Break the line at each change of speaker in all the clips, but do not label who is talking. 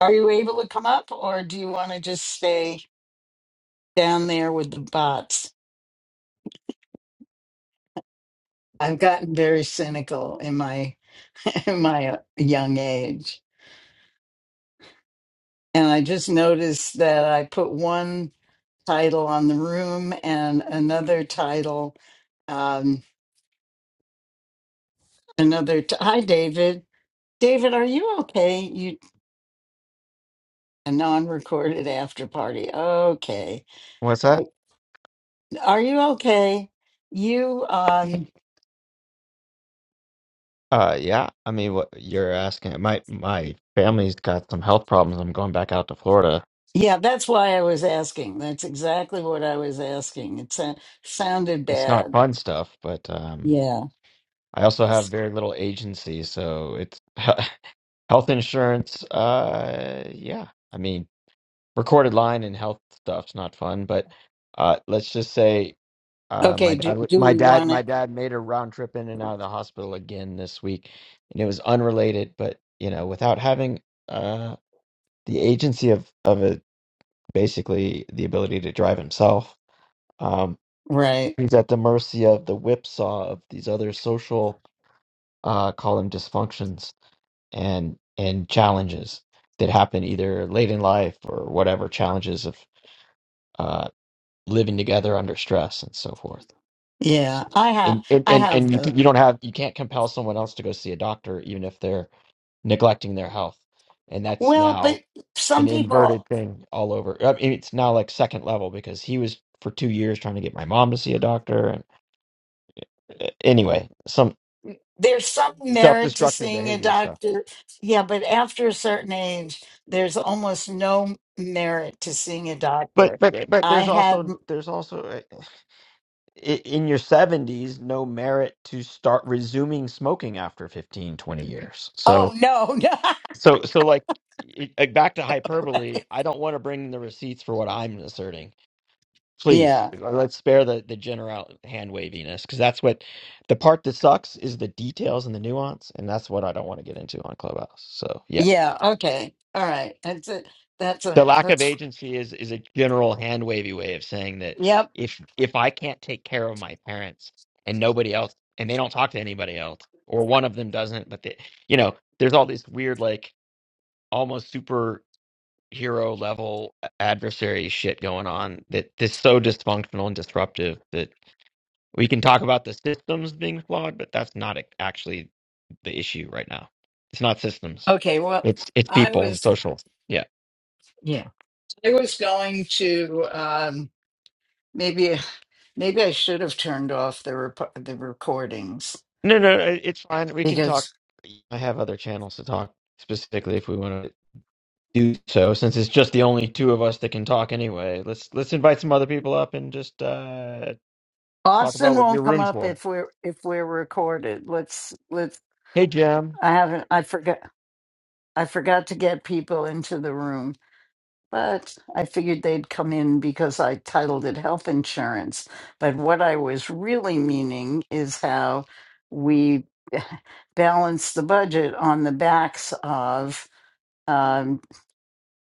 Are you able to come up or do you want to just stay down there with the bots? I've gotten very cynical in my in my uh, young age. And I just noticed that I put one title on the room and another title um another t- Hi David. David, are you okay? You a non-recorded after party. Okay.
What's that?
I are you okay? You um
Uh, yeah. I mean, what you're asking, my my family's got some health problems. I'm going back out to Florida.
Yeah, that's why I was asking. That's exactly what I was asking. It sa- sounded
It's not
bad.
fun stuff, but um,
Yeah.
I also have
It's,
very little agency, so it's health insurance. Uh, yeah. I mean, recorded line and health stuff's not fun, but uh, let's just say uh, my
okay.
dad,
Do,
w-
do
my
we
dad,
want
my
it?
dad made a round trip in and out of the hospital again this week, and it was unrelated, but you know, without having uh the agency of of a basically the ability to drive himself. Um,
Right.
he's at the mercy of the whipsaw of these other social, uh, call them dysfunctions and and challenges that happen either late in life or whatever challenges of uh, living together under stress and so forth.
Yeah.
So,
I have.
and and
I
and,
have
and you,
the.
can- you don't have you can't compel someone else to go see a doctor even if they're neglecting their health, and that's
Well,
now
but
an
some people
inverted thing all over. I mean, it's now like second level because he was for two years trying to get my mom to see a doctor. And uh, anyway, some
there's some merit to
self-destructive
seeing a
behavior stuff.
doctor. Yeah, but after a certain age, there's almost no merit to seeing a
But
doctor.
but but
I
there's
had.
also there's also uh, i- in your 70s no merit to start resuming smoking after 15 20 years. So
Oh no. no.
so so like i- i- back to hyperbole, I don't want to bring the receipts for what I'm asserting Please,
yeah.
uh, let's spare the, the general hand waviness because that's what the part that sucks is the details and the nuance, and that's what I don't want to get into on Clubhouse. So yeah,
Yeah. Okay. All right. That's it. That's a.
the lack of
That's.
agency is is a general hand wavy way of saying that
Yep.
if if I can't take care of my parents and nobody else, and they don't talk to anybody else, or one of them doesn't, but they, you know, there's all this weird like almost superhero level adversary shit going on that is so dysfunctional and disruptive that. We can talk about the systems being flawed, but that's not ac- actually the issue right now. It's not systems.
Okay, well,
It's it's
I
people and
was
social. Yeah.
Yeah. I was going to um, maybe maybe I should have turned off the rep- the recordings
No, no, no, it's fine. We can talk.
because
I have other channels to talk specifically if we want to do so. Since it's just the only two of us that can talk anyway, let's let's invite some other people up and just uh, talk
Austin
about what your
won't come
room's
up
for.
if we're if we're recorded. Let's let's
Hey, Jam.
I haven't I forgot I forgot to get people into the room, but I figured they'd come in because I titled it health insurance. But what I was really meaning is how we balance the budget on the backs of um,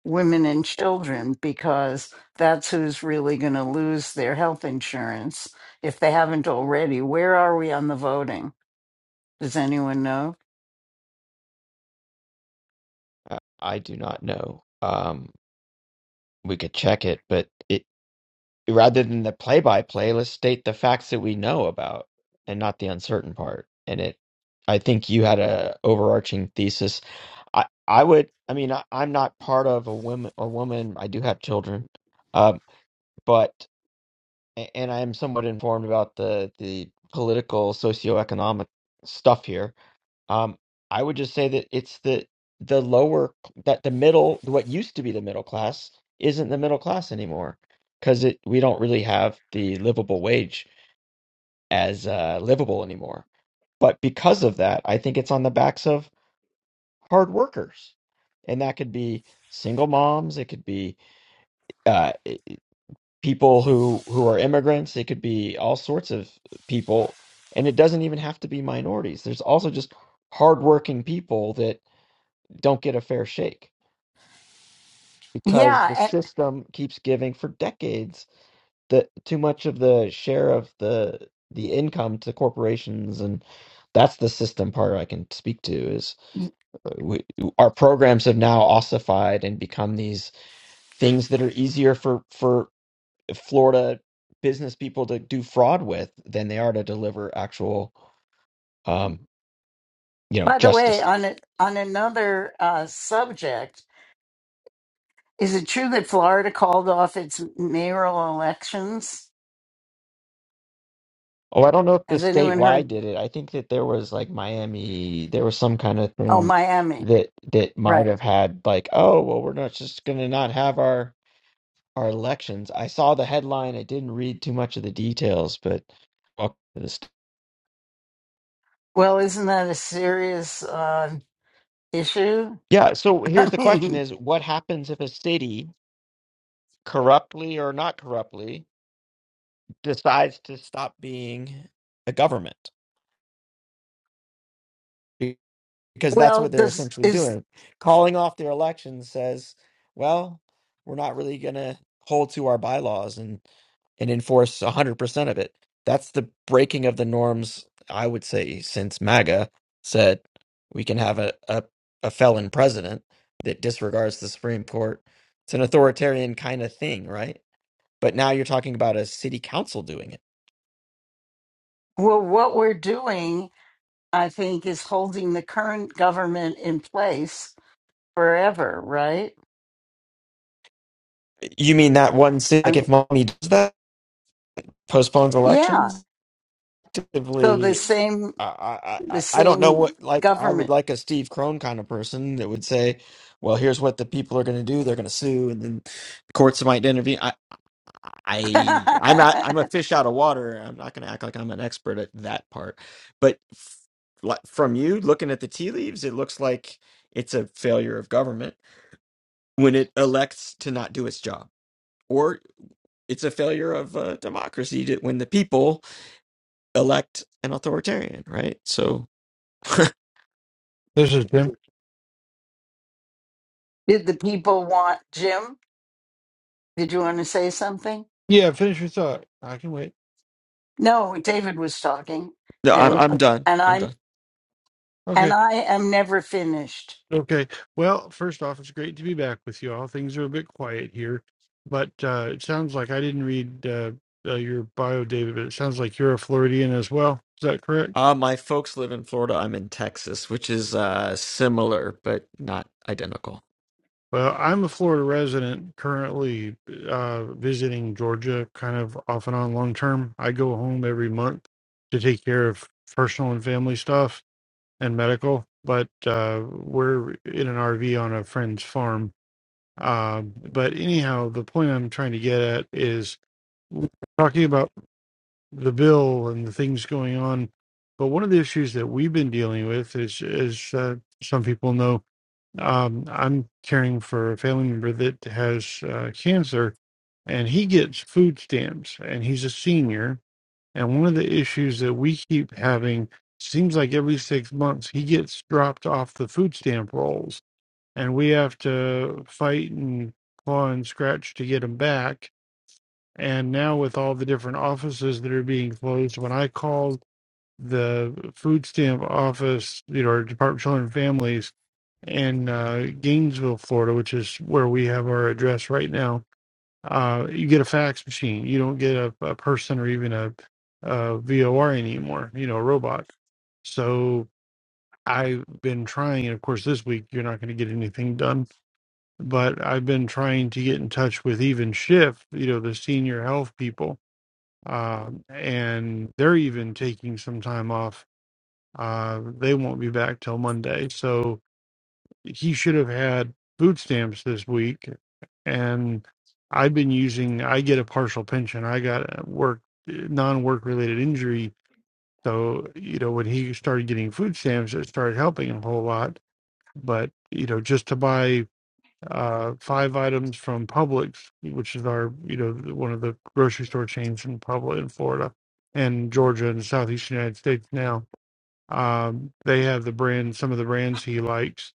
women and children because that's who's really going to lose their health insurance if they haven't already. Where are we on the voting? Does anyone know?
Uh, I do not know. Um, we could check it, but it. rather than the play by play, let's state the facts that we know about and not the uncertain part. And it, I think you had a overarching thesis. I, I would, I mean, I, I'm not part of a women or woman. I do have children, um, but a- and I am somewhat informed about the the political socioeconomic stuff here. Um, I would just say that it's the the lower that the middle what used to be the middle class isn't the middle class anymore because it we don't really have the livable wage as uh, livable anymore. But because of that, I think it's on the backs of hard workers, and that could be single moms, it could be uh, people who who are immigrants, it could be all sorts of people, and it doesn't even have to be minorities. There's also just hardworking people that don't get a fair shake because the
Yeah.
system keeps giving for decades the too much of the share of the the income to corporations and that's the system part I can speak to is
And
uh, we, our programs have now ossified and become these things that are easier for for Florida business people to do fraud with than they are to deliver actual um you know
by the way,
justice
on a, on another uh, subject, is it true that Florida called off its mayoral elections?
Oh, I don't know if the
Has anyone
statewide
heard?
did it. I think that there was like Miami, there was some kind of
Oh,
thing
Miami.
that that might
Right.
have had like, oh, well, we're not just gonna not have our our elections. I saw the headline. I didn't read too much of the details, but welcome to this.
Well, isn't that a serious uh, issue?
Yeah, so here's
I
the question
mean,
is what happens if a city, corruptly or not corruptly, decides to stop being a government? because that's
well,
what they're
does
essentially
is
doing. Calling off their election says, well, we're not really going to hold to our bylaws and and enforce 100% of it. That's the breaking of the norms, I would say, since MAGA said we can have a, a, a felon president that disregards the Supreme Court. It's an authoritarian kind of thing, right? But now you're talking about a city council doing it.
Well, what we're doing, I think, is holding the current government in place forever, right?
You mean that one city,
I
like if
mean,
Miami does that, postpones
yeah.
elections?
So the
actively
same,
I, I
the
I I don't know
same
what like I would
government.
like a Steve Crone kind of person that would say, well, here's what the people are going to do. They're going to sue, and then the courts might intervene. I I I'm not I'm a fish out of water. I'm not going to act like I'm an expert at that part. But f- like from you looking at the tea leaves, it looks like it's a failure of government when it elects to not do its job, or it's a failure of uh, democracy to, when the people elect an authoritarian, right? So no,
This is Tim.
Did the people want Jim? Did you want to say something?
Yeah, finish your thought. I can wait.
No, David was talking,
I'm
and
Oh,
I'm
okay.
done.
and
I'm
I'm
done.
and
Okay.
I am never finished.
Okay. Well, first off, it's great to be back with you all. Things are a bit quiet here, but uh, it sounds like I didn't read uh, uh, your bio, David, but it sounds like you're a Floridian as well. Is that correct?
Uh, my folks live in Florida. I'm in Texas, which is uh, similar but not identical.
Well, I'm a Florida resident currently uh, visiting Georgia kind of off and on long term. I go home every month to take care of personal and family stuff and medical, but uh, we're in an RV on a friend's farm Um, but anyhow, the point I'm trying to get at is we're talking about the bill and the things going on. But one of the issues that we've been dealing with is, is uh, some people know, um, I'm caring for a family member that has uh, cancer, and he gets food stamps, and he's a senior. And one of the issues that we keep having seems like every six months he gets dropped off the food stamp rolls and we have to fight and claw and scratch to get them back. And now with all the different offices that are being closed, when I called the food stamp office, you know, or Department of Children and Families in uh, Gainesville, Florida, which is where we have our address right now, uh, you get a fax machine. You don't get a, a person or even a, a VOR anymore, you know, a robot. So I've been trying, and of course, this week you're not going to get anything done but I've been trying to get in touch with even Schiff, you know, the senior health people, um, and they're even taking some time off. Uh, they won't be back till Monday, so he should have had food stamps this week. And I've been using. I get a partial pension. I got a work non-work related injury, so you know when he started getting food stamps, it started helping him a whole lot. But you know, just to buy uh, five items from Publix, which is our you know one of the grocery store chains in Publix in Florida and Georgia and the southeastern United States now. Um, they have the brand, some of the brands he likes.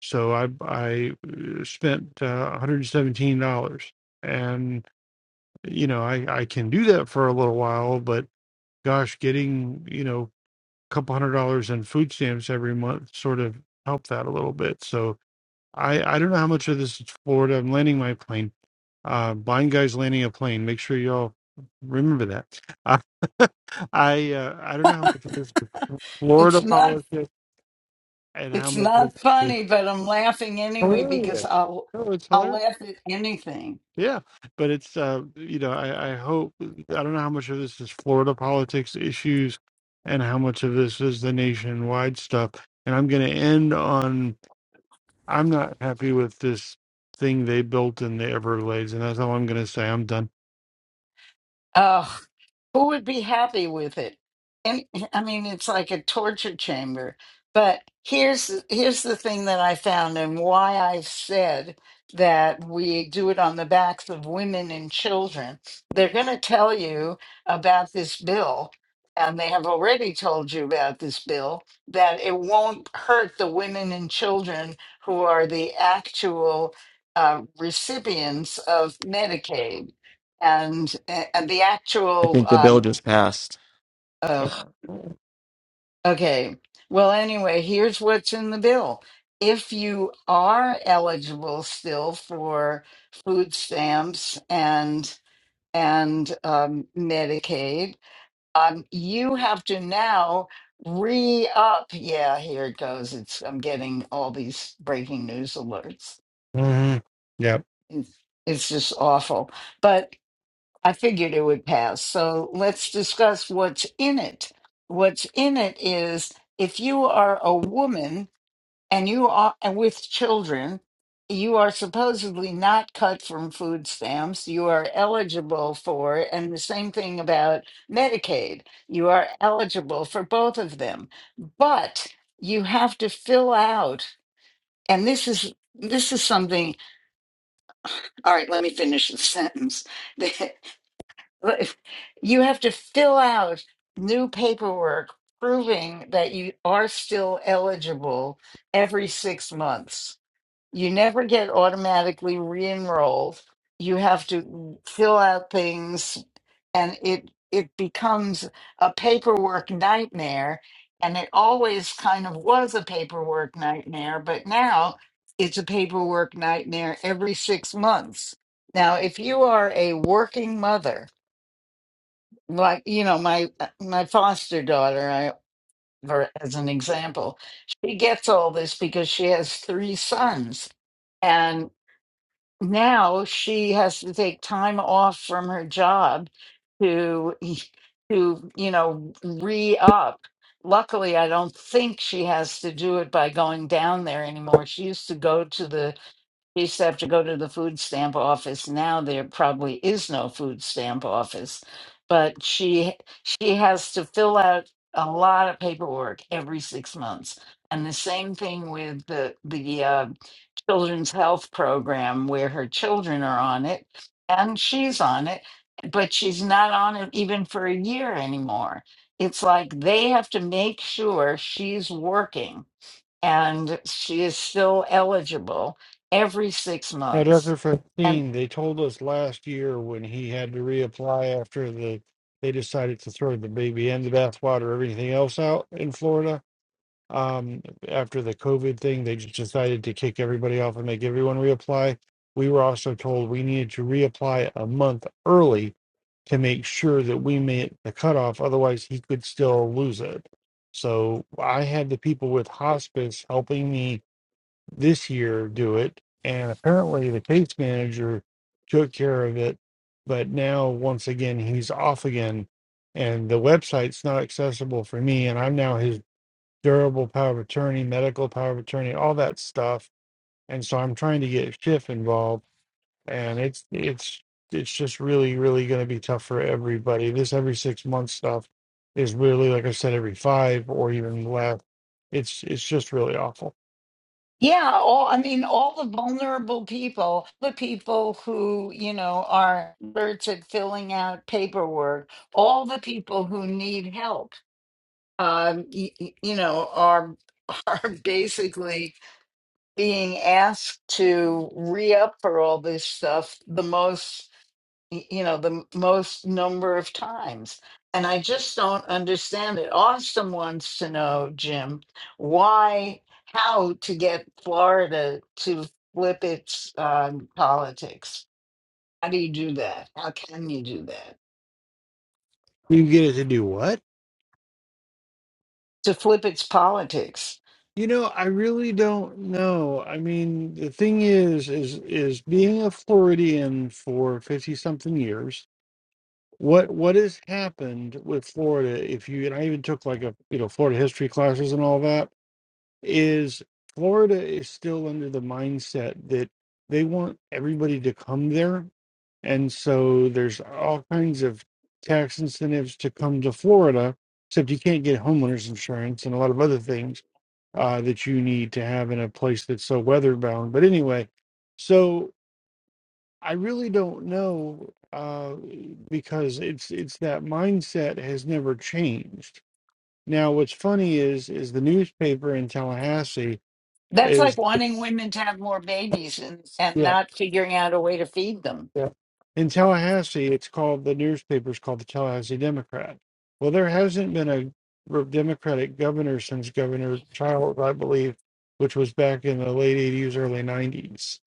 So I I uh, spent uh, one hundred seventeen dollars, and you know I I can do that for a little while, but gosh, getting you know a couple hundred dollars in food stamps every month sort of helped that a little bit. So I I don't know how much of this is Florida. I'm landing my plane uh, blind guys landing a plane. Make sure y'all remember that. Uh, I uh, I don't know how much of this is
It's
Florida
not
politics and how
it's
much of
not
this is
funny, but I'm laughing anyway because
hilarious.
I'll
No, it's
I'll
hilarious.
laugh at anything.
Yeah, but it's uh, you know I, I hope I don't know how much of this is Florida politics issues and how much of this is the nationwide stuff. And I'm going to end on I'm not happy with this thing they built in the Everglades, and that's all I'm going to say. I'm done.
who would be happy with it and eh, i mean it's like a torture chamber but here's here's the thing that i found and why i've said that we do it on the backs of women and children they're going to tell you about this bill and they have already told you about this bill that it won't hurt the women and children who are the actual uh, recipients of medicaid and, eh, and the
I
actual
think the
uh,
bill just passed.
Ugh. Okay. Well, anyway, here's what's in the bill. If you are eligible still for food stamps and and um, Medicaid, um, you have to now re-up. Yeah, here it goes. It's I'm getting all these breaking news alerts.
hmm Yep.
It's, it's just awful. but. I figured it would pass. So let's discuss what's in it. What's in it is if you are a woman and you are and with children, you are supposedly not cut from food stamps. You are eligible for, and the same thing about Medicaid. You are eligible for both of them, but you have to fill out, and this is this is something. All right, let me finish the sentence. Like, you have to fill out new paperwork proving that you are still eligible every six months. You never get automatically re enrolled. You have to fill out things and it it becomes a paperwork nightmare and it always kind of was a paperwork nightmare but now it's a paperwork nightmare every 6 months now if you are a working mother like you know my uh, my foster daughter i for as an example she gets all this because she has three sons and now she has to take time off from her job to to you know re-up luckily i don't think she has to do it by going down there anymore she used to go to the used to have to go to the food stamp office. Now there probably is no food stamp office, but she she has to fill out a lot of paperwork every six months. And the same thing with the the uh, children's health program where her children are on it and she's on it, but she's not on it even for a year anymore. It's like they have to make sure she's working and she is still eligible every six
At
months.
Upper
And
15, they told us last year when he had to reapply after the they decided to throw the baby and the bathwater, everything else out in Florida. Um, after the COVID thing, they just decided to kick everybody off and make everyone reapply. We were also told we needed to reapply a month early to make sure that we made the cutoff. Otherwise, he could still lose it. So I had the people with hospice helping me this year do it. And apparently the case manager took care of it. But now, once again, he's off again. And the website's not accessible for me. And I'm now his durable power of attorney, medical power of attorney, all that stuff. And so I'm trying to get Schiff involved. And it's, it's, it's just really, really going to be tough for everybody. This every six month stuff is really, like I said, every five or even less. It's, it's just really awful.
yeah, all I mean, all the vulnerable people, the people who, you know, are nerds at filling out paperwork, all the people who need help, um, y- y- you know, are are basically being asked to re up for all this stuff the most y- you know the m- most number of times and i just don't understand it austin wants to know jim why how to get florida to flip its um, politics how do you do that how can you do that
You get it to do what?
to flip its politics
You know, I really don't know. I mean, the thing is, is is being a Floridian for 50 something years, what what has happened with Florida if you and I even took like a, you know, Florida history classes and all that is Florida is still under the mindset that they want everybody to come there. And so there's all kinds of tax incentives to come to Florida, except you can't get homeowners insurance and a lot of other things uh, that you need to have in a place that's so weather bound. But anyway, so I really don't know uh, because it's it's that mindset has never changed. Now, what's funny is is the newspaper in Tallahassee
that's like
is
wanting women to have more babies and, and
yeah,
not figuring out a way to feed them
yeah. In Tallahassee, it's called the newspaper's called the Tallahassee Democrat. Well, there hasn't been a re- Democratic governor since Governor Childs I believe, which was back in the late '80s, early '90s.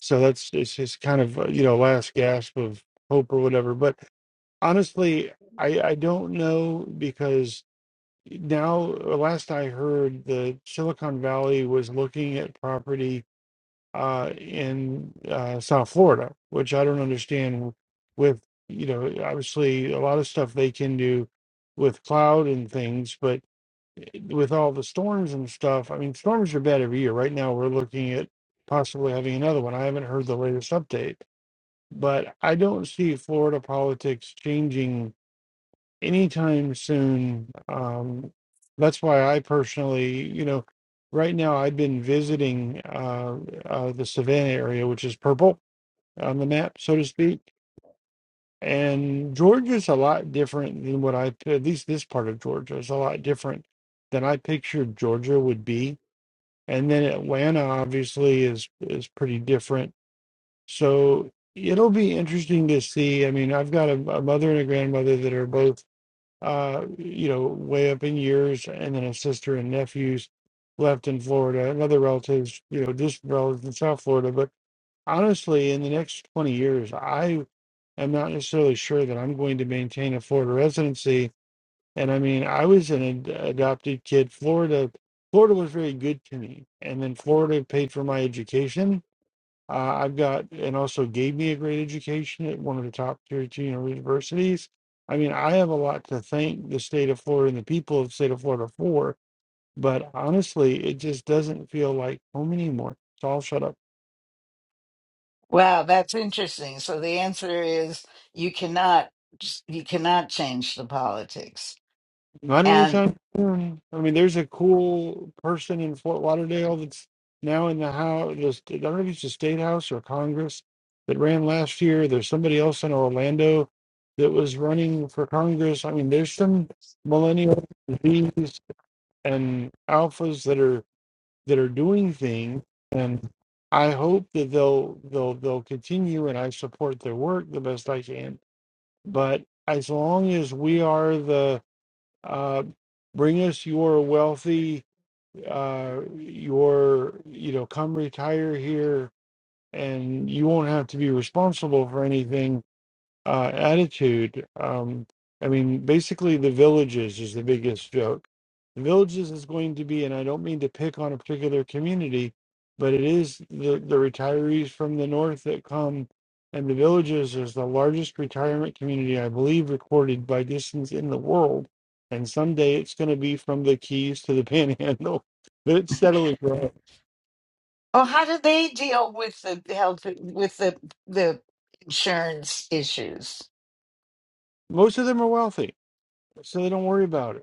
So that's it's just kind of uh, you know last gasp of hope or whatever. But honestly, I I don't know because now last I heard, the Silicon Valley was looking at property uh, in uh, South Florida, which I don't understand. With you know, obviously a lot of stuff they can do with cloud and things, but with all the storms and stuff, I mean, storms are bad every year. Right now, we're looking at possibly having another one. I haven't heard the latest update, but I don't see Florida politics changing anytime soon. Um, that's why I personally, you know, right now I've been visiting uh, uh, the Savannah area, which is purple on the map, so to speak. And Georgia's a lot different than what I, at least this part of Georgia is a lot different than I pictured Georgia would be. And then Atlanta obviously is is pretty different. So it'll be interesting to see. I mean, I've got a, a mother and a grandmother that are both uh, you know, way up in years, and then a sister and nephews left in Florida, and other relatives, you know, distant relatives in South Florida. But honestly, in the next 20 years, I am not necessarily sure that I'm going to maintain a Florida residency. And I mean, I was an ad- adopted kid. Florida, Florida was very good to me, and then Florida paid for my education uh, I've got, and also gave me a great education at one of the top tier two universities. I mean, I have a lot to thank the state of Florida and the people of the state of Florida for, but honestly, it just doesn't feel like home anymore. So I'll shut up.
wow that's interesting so the answer is you cannot you cannot change the politics
Not
And
anytime soon. I mean, there's a cool person in Fort Lauderdale that's now in the house. Just I don't know if it's the state house or Congress that ran last year. There's somebody else in Orlando that was running for Congress. I mean, there's some millennial Z's and alphas that are that are doing things, and I hope that they'll they'll they'll continue. And I support their work the best I can. But as long as we are the uh, bring us your wealthy uh, your you know come retire here and you won't have to be responsible for anything uh, attitude. Um, I mean, basically, the villages is the biggest joke. The villages is going to be, and I don't mean to pick on a particular community, but it is the, the retirees from the north that come, and the villages is the largest retirement community, I believe, recorded by distance in the world. And someday it's going to be from the Keys to the Panhandle, but it's steadily growing.
oh, how do they deal with the health with the the insurance issues?
Most of them are wealthy, so they don't worry about it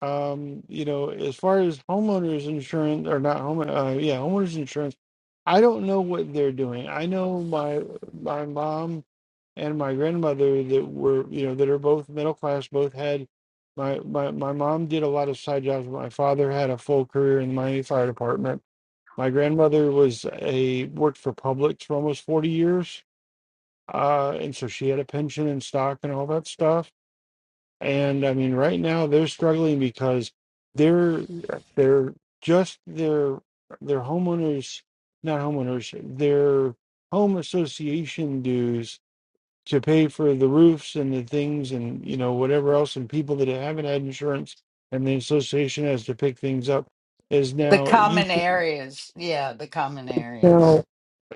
Um, you know, as far as homeowners insurance or not home, uh, yeah, homeowners insurance. I don't know what they're doing. I know my my mom and my grandmother that were you know that are both middle class both had my my my mom did a lot of side jobs but my father had a full career in the Miami fire department my grandmother was a worked for Publix for almost 40 years uh and so she had a pension and stock and all that stuff and I mean, right now they're struggling because they're they're just their their homeowners, not homeowners, their home association dues to pay for the roofs and the things and you know whatever else and people that haven't had insurance and the association has to pick things up is
The
now it used
common areas. Yeah, the common
to,
areas.
now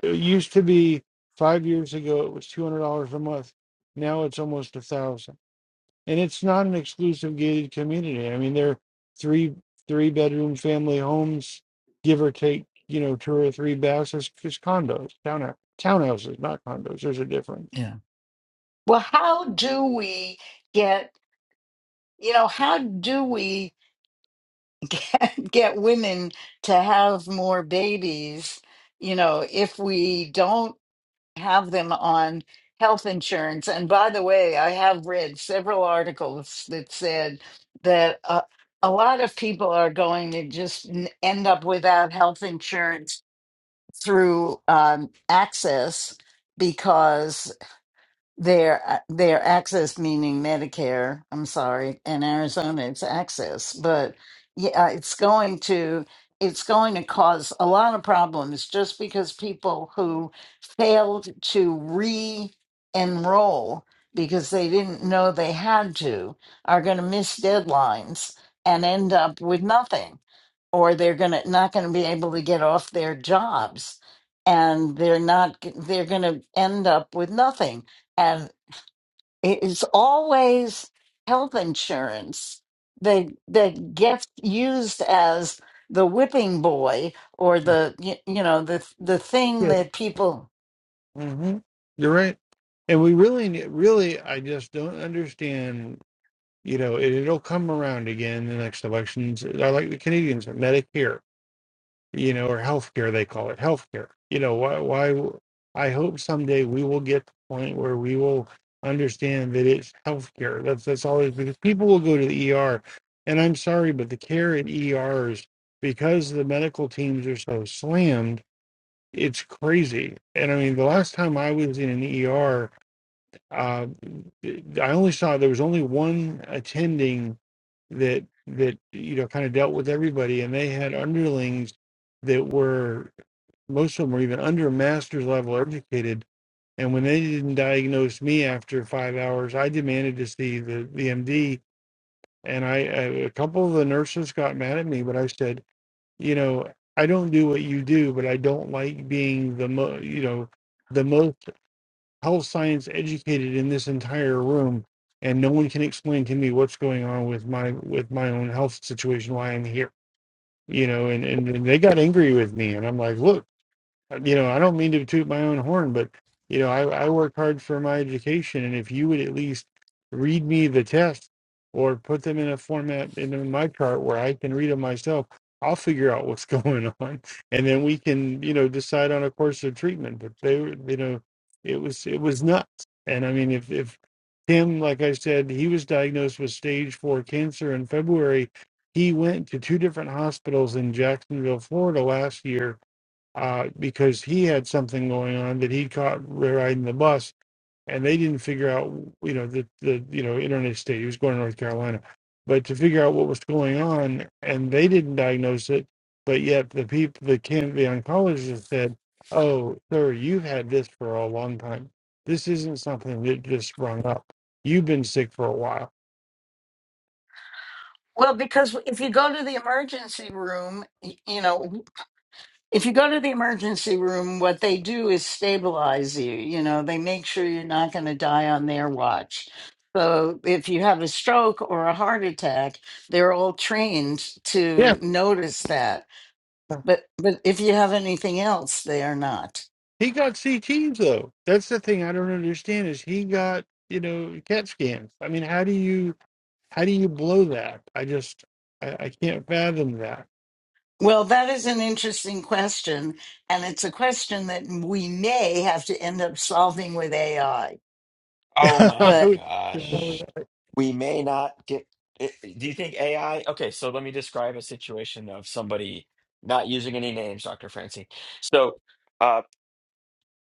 it used to be five years ago it was two hundred dollars a month now it's almost a thousand and it's not an exclusive gated community. I mean, they're three three bedroom family homes, give or take, you know, two or three baths. It's, it's condos, town townhouses, not condos. There's a difference.
Yeah. Well, how do we get, you know, how do we get, get women to have more babies, you know, if we don't have them on health insurance. And by the way, I have read several articles that said that uh, a lot of people are going to just n- end up without health insurance through um, access their uh, their access meaning medicare i'm sorry in arizona it's access but yeah uh, it's going to it's going to cause a lot of problems just because people who failed to re-enroll because they didn't know they had to are going to miss deadlines and end up with nothing or they're going to not going to be able to get off their jobs and they're not they're going to end up with nothing it is always health insurance. The the gets used as the whipping boy or the you, you know the the thing
Yeah,
that people
hmm you're right. And we really, ne- really, I just don't understand. You know, it, it'll come around again in the next elections. I like the Canadians, Medicare. you know, or healthcare, they call it healthcare. You know, why, why, I hope someday we will get to the point where we will understand that it's healthcare. That's, that's all it is because people will go to the ER. And I'm sorry, but the care in ERs, because the medical teams are so slammed, it's crazy. And I mean, the last time I was in an ER, uh, I only saw there was only one attending that that you know kind of dealt with everybody, and they had underlings that were most of them were even under master's level educated. And when they didn't diagnose me after five hours, I demanded to see the the MD, and I I a couple of the nurses got mad at me, but I said, you know, I don't do what you do, but I don't like being the mo you know the most health science educated in this entire room and no one can explain to me what's going on with my with my own health situation why i'm here you know and and, and they got angry with me and i'm like look you know, I don't mean to toot my own horn, but you know, I, I work hard for my education, and if you would at least read me the test or put them in a format in my chart where I can read them myself, I'll figure out what's going on, and then we can, you know, decide on a course of treatment. But they, were, you know, it was it was nuts, and I mean, if if Tim, like I said, he was diagnosed with stage four cancer in February. He went to two different hospitals in Jacksonville, Florida last year uh, because he had something going on that he caught riding the bus, and they didn't figure out, you know, the the you know internet state. He was going to North Carolina, but to figure out what was going on, and they didn't diagnose it. But yet the people, the can the oncologist said, "Oh, sir, you've had this for a long time. This isn't something that just sprung up. You've been sick for a while."
well because if you go to the emergency room y- you know if you go to the emergency room what they do is stabilize you you know they make sure you're not going to die on their watch so if you have a stroke or a heart attack they're all trained
Yeah,
to notice that But but if you have anything else, they are not.
he got CTs though. That's the thing I don't understand is he got you know CAT scans. I mean, how do you? how do you blow that? I just, I, I can't fathom that.
Well, that is an interesting question, and it's a question that we may have to end up solving with AI.
Oh
I
my
But
would if
gosh.
I
We may not get. it- Do you think AI? Okay, so let me describe a situation of somebody not using any names, Dr. Francine. So, uh,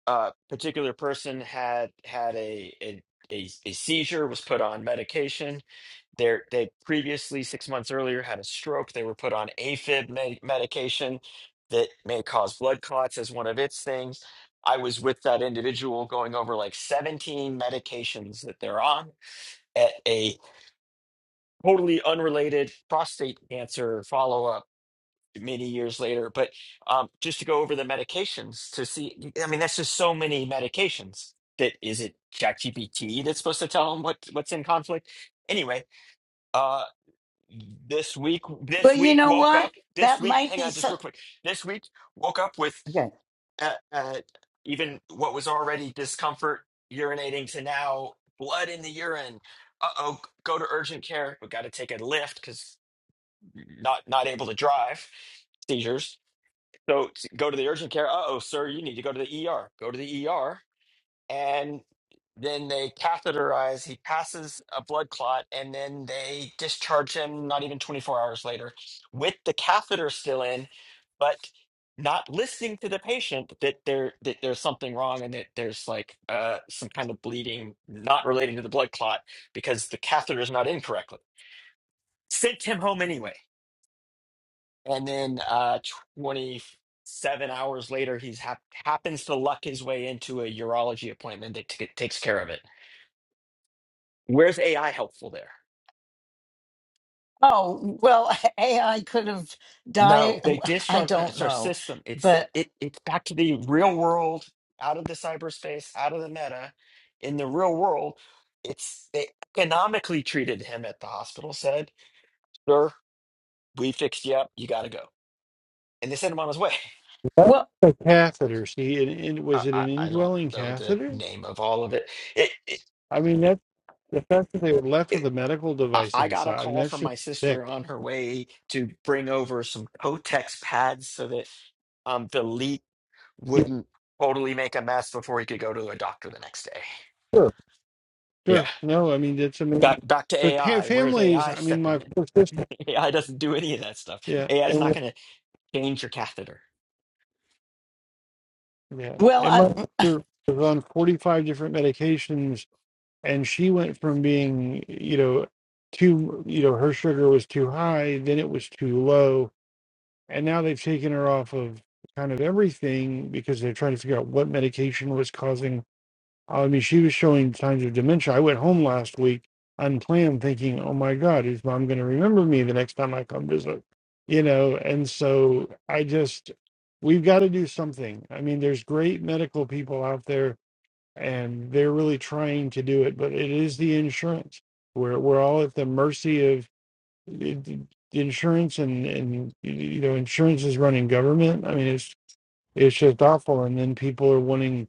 a particular person had had a a, a, a seizure, was put on medication, They're, they previously, six months earlier, had a stroke. They were put on AFib med- medication that may cause blood clots as one of its things. I was with that individual going over like 17 medications that they're on at a totally unrelated prostate cancer follow up many years later. But um, just to go over the medications to see, I mean, that's just so many medications that is it ChatGPT that's supposed to tell them what, what's in conflict? Anyway, uh this week
well,
this
you
week
know
woke
what?
up this
That
week
might
hang
be
on just
so.
real quick this week woke up with
Okay.
uh, uh, even what was already discomfort urinating to now blood in the urine uh-oh go to urgent care we got to take a lift because not not able to drive seizures so go to the urgent care uh-oh sir you need to go to the er go to the er and then they catheterize. He passes a blood clot, and then they discharge him not even 24 hours later with the catheter still in, but not listening to the patient that there that there's something wrong and that there's like uh, some kind of bleeding not relating to the blood clot because the catheter is not in correctly. Sent him home anyway, and then uh, 27 hours later, he's hap happens to luck his way into a urology appointment that t- takes care of it Where's AI helpful there?
Oh well, AI could have died.
No, they
I
discharge
don't
it's our
know,
system. It's the,
but
it it's back to the real world, out of the cyberspace, out of the meta, in the real world. It's they economically treated him at the hospital, said, Sir, we fixed you up, you gotta go. And they sent him on his way.
was
well,
a catheter. See, and, and
I,
was it
I,
an
I don't
indwelling
know the
catheter?
name of all of it. It, it,
I mean, that the fact that they were left
it
with a medical
I
device
I got a
inside. I mean,
call
that's
from
just
my
sick.
sister on her way to bring over some Kotex pads so that um the leak
Yeah,
wouldn't totally make a mess before he could go to a doctor the next day.
sure,
Yeah.
sure. No, I mean that's
Back
amazing.
back to
But pa-
AI. Where's
families,
AI
I mean, my
stepping
poor
in?
sister,
AI doesn't do any of that stuff.
yeah,
AI is
and
not
with-
going to change your catheter.
yeah,
well,
and
I,
my sister was on forty-five different medications and she went from being you know too you know her sugar was too high then it was too low and now they've taken her off of kind of everything because they're trying to figure out what medication was causing i mean she was showing signs of dementia i went home last week unplanned thinking oh my god is mom going to remember me the next time i come visit you know and so i just we've got to do something i mean there's great medical people out there and they're really trying to do it, but it is the insurance. We're we're all at the mercy of the insurance, and and you know insurance is running government. I mean, it's it's just awful. And then people are wanting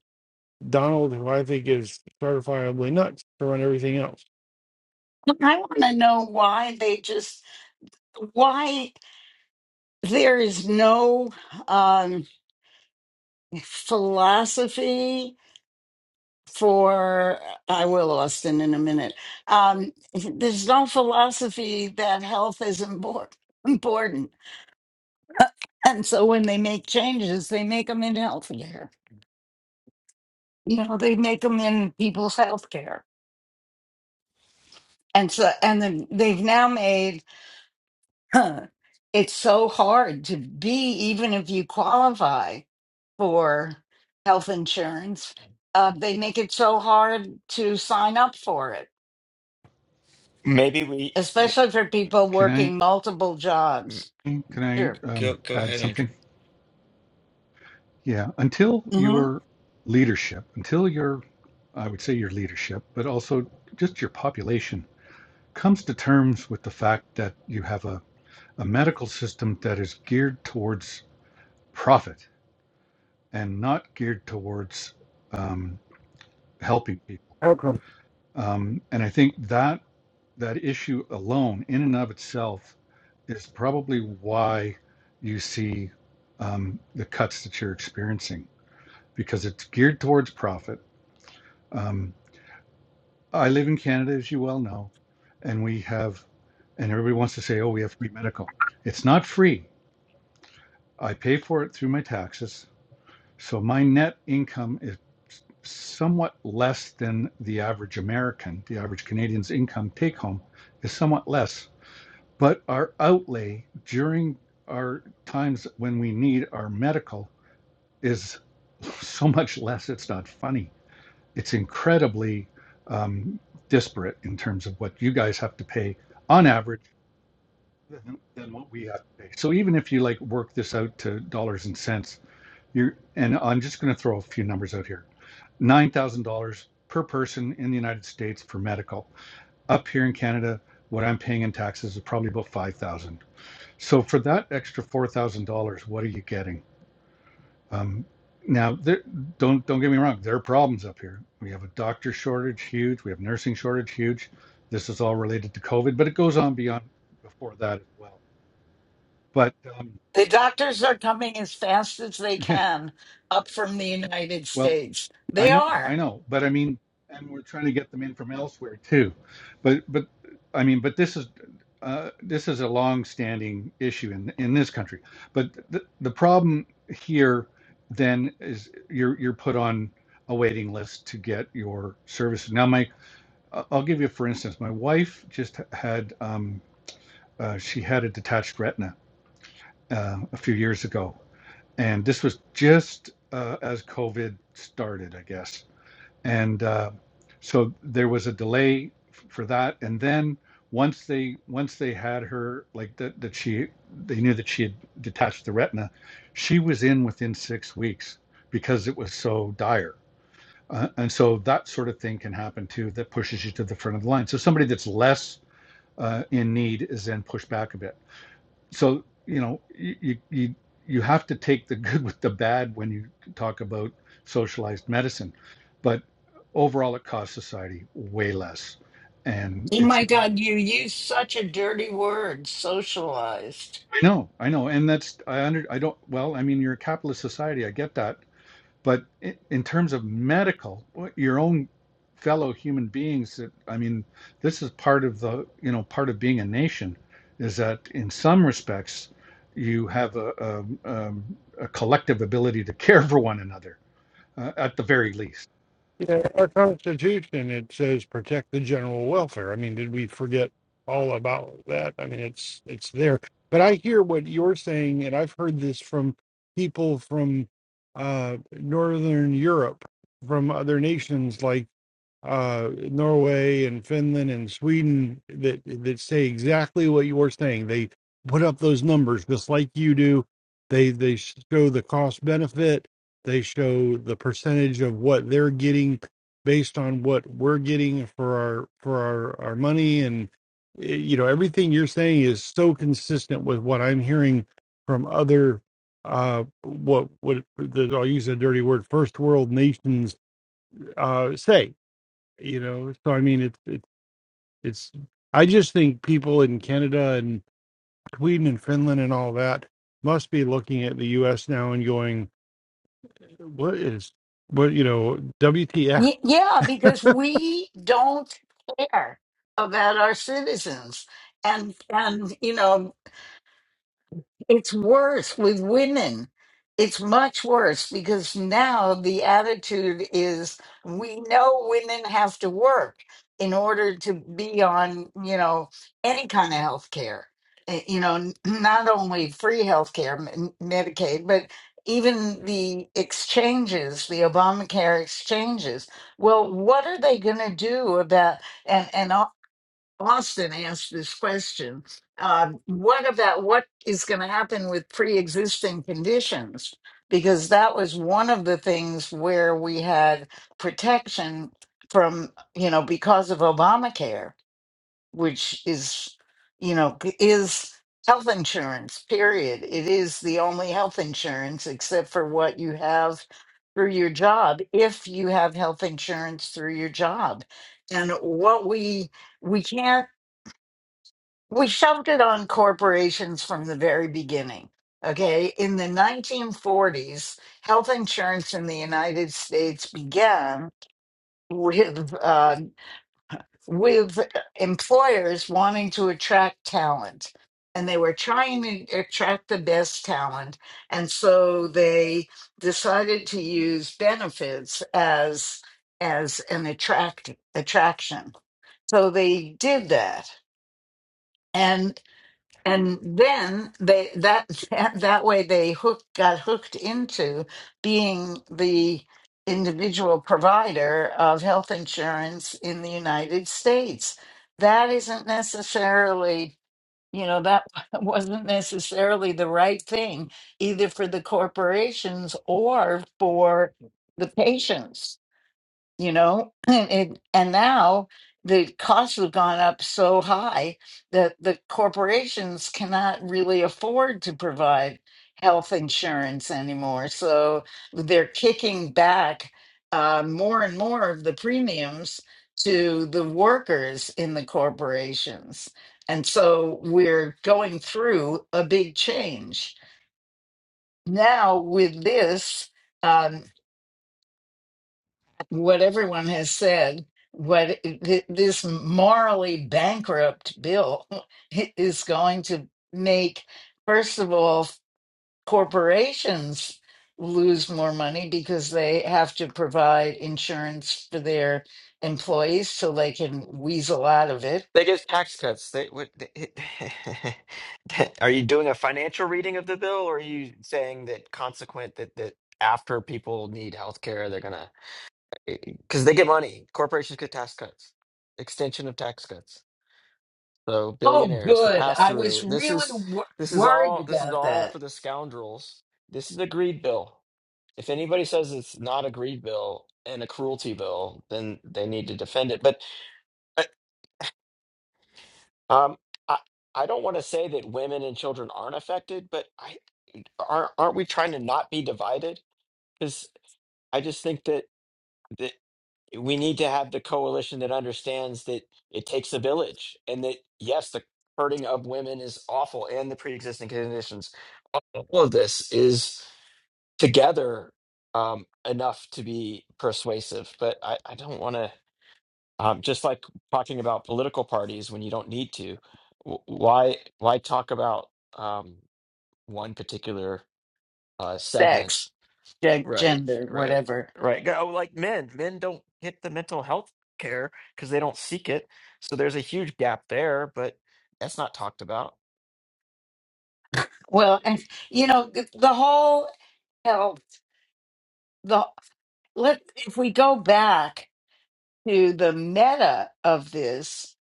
Donald, who I think is certifiably nuts, to run everything else.
Well, I want to know why they just why. there is no um, philosophy for i will austin in a minute um, there's no philosophy that health is impor- important and so when they make changes they make them in healthcare you know they make them in people's healthcare and so and then they've now made Huh. It's so hard to be, even if you qualify for health insurance, uh, they make it so hard to sign up for it,
Maybe we
especially for people
Can I
working multiple
Mm,
jobs.
can I
Sure.
go
um,
go
add
ahead, Andrew.
something? Yeah. Until
hmm
your leadership, until your, I would say your leadership, but also just your population comes to terms with the fact that you have a, a medical system that is geared towards profit and not geared towards um, helping people.
How come
Um, and I think that that issue alone, in and of itself, is probably why you see um, the cuts that you're experiencing because it's geared towards profit. Um, I live in Canada, as you well know, and we have, and everybody wants to say, oh, we have free medical. It's not free. I pay for it through my taxes. So my net income is somewhat less than the average American. The average Canadian's income take home is somewhat less. But our outlay during our times when we need our medical is so much less, it's not funny it's incredibly um, disparate in terms of what you guys have to pay on average than, than what we have to pay. So even if you like work this out to dollars and cents, you're and I'm just going to throw a few numbers out here: nine thousand dollars per person in the United States for medical. Up here in Canada, what I'm paying in taxes is probably about five thousand. So for that extra four thousand dollars, what are you getting? Um, now, there, don't don't get me wrong. There are problems up here. We have a doctor shortage, huge. We have nursing shortage, huge. This is all related to COVID, but it goes on beyond before that as well. But um,
The doctors are coming as fast as they
yeah,
can up from the United
well,
States.
I
They
know, I
are.
know, but I mean, and we're trying to get them in from elsewhere too, but but I mean, but this is uh, this is a long-standing issue in in this country. But the the problem here then is you're you're put on a waiting list to get your services. Now, my I- I'll give you for instance, my wife just had um, uh, she had a detached retina uh, a few years ago, and this was just uh, as COVID started, I guess and uh, so there was a delay f- for that and then once they once they had her like that that she they knew that she had detached the retina she was in within six weeks because it was so dire uh, and so that sort of thing can happen too that pushes you to the front of the line so somebody that's less uh, in need is then pushed back a bit so you know you you you have to take the good with the bad when you talk about socialized medicine but overall it costs society way less and
Oh
it's
my
not
God, you use such a dirty word, socialized.
i know i know and that's i under i don't well i mean you're a capitalist society i get that But in terms of medical, your own fellow human beings, that I mean, this is part of the, you know, part of being a nation, is that in some respects, you have a, a, um, a collective ability to care for one another, uh, at the very least.
Yeah, our Constitution, it says protect the general welfare. I mean, did we forget all about that? I mean, it's it's there. But I hear what you're saying, and I've heard this from people from uh, Northern Europe, from other nations. Like uh, Norway and Finland and Sweden that that say exactly what you were saying. They put up those numbers just like you do. They they show the cost benefit. They show the percentage of what they're getting based on what we're getting for our for our our money and eh, you know everything you're saying is so consistent with what I'm hearing from other uh what what the, I'll use a dirty word first world nations uh say you know so i mean it's it's it's i just think people in canada and sweden and finland and all that must be looking at the us now and going what is what you know wtf
Ye- Yeah, because we don't care about our citizens. And and you know it's worse with women. It's much worse because now the attitude is we know women have to work in order to be on, you know, any kind of health care. Eh, You know, n- not only free health care, Medicaid, but even the exchanges, the Obamacare exchanges. Well, what are they going to do about and and Austin asked this question. Uh, what about what is going to happen with pre existing conditions? Because that was one of the things where we had protection from, you know, because of Obamacare, which is, you know, is health insurance, period. It is the only health insurance except for what you have through your job, if you have health insurance through your job. And what we, we can't we shoved it on corporations from the very beginning. Okay. In the 1940s, health insurance in the United States began with, uh, with employers wanting to attract talent. And they were trying to attract the best talent. And so they decided to use benefits as, as an attract, attraction. So they did that. and then they that that, that way they hook got hooked into being the individual provider of health insurance in the United States. That isn't necessarily, you know, that wasn't necessarily the right thing either for the corporations or for the patients you know and it, and now the costs have gone up so high that the corporations cannot really afford to provide health insurance anymore so they're kicking back uh, more and more of the premiums to the workers in the corporations and so we're going through a big change now with this um, what everyone has said, what th- this morally bankrupt bill is going to make, first of all, corporations lose more money because they have to provide insurance for their employees so they can weasel out of it.
They give tax cuts. They what? They, are you doing a financial reading of the bill, or are you saying that consequent that that after people need health care, they're gonna because they get money. Corporations get tax cuts, extension of tax cuts. So
Oh,
billionaires, the
good.
pass
I was
through. This
really
is
wor-
this is
worried
all this is
about
all
that.
for the scoundrels. This is a greed bill. If anybody says it's not a greed bill and a cruelty bill, then they need to defend it. But uh, um, I I don't want to say that women and children aren't affected, but I aren't aren't we trying to not be divided? Because I just think that. we need to have the coalition that understands that it takes a village and that yes the hurting of women is awful and the pre-existing conditions all of this is together um, enough to be persuasive but i, I don't want to um, just like talking about political parties when you don't need to w- why why talk about um, one particular uh, segment
Sex, ge-
Right,
gender,
right,
whatever.
right. Go like men. Men don't get the mental health care because they don't seek it. So there's a huge gap there, but that's not talked about.
Well, and you know, th- the whole health. let if we go back to the meta of this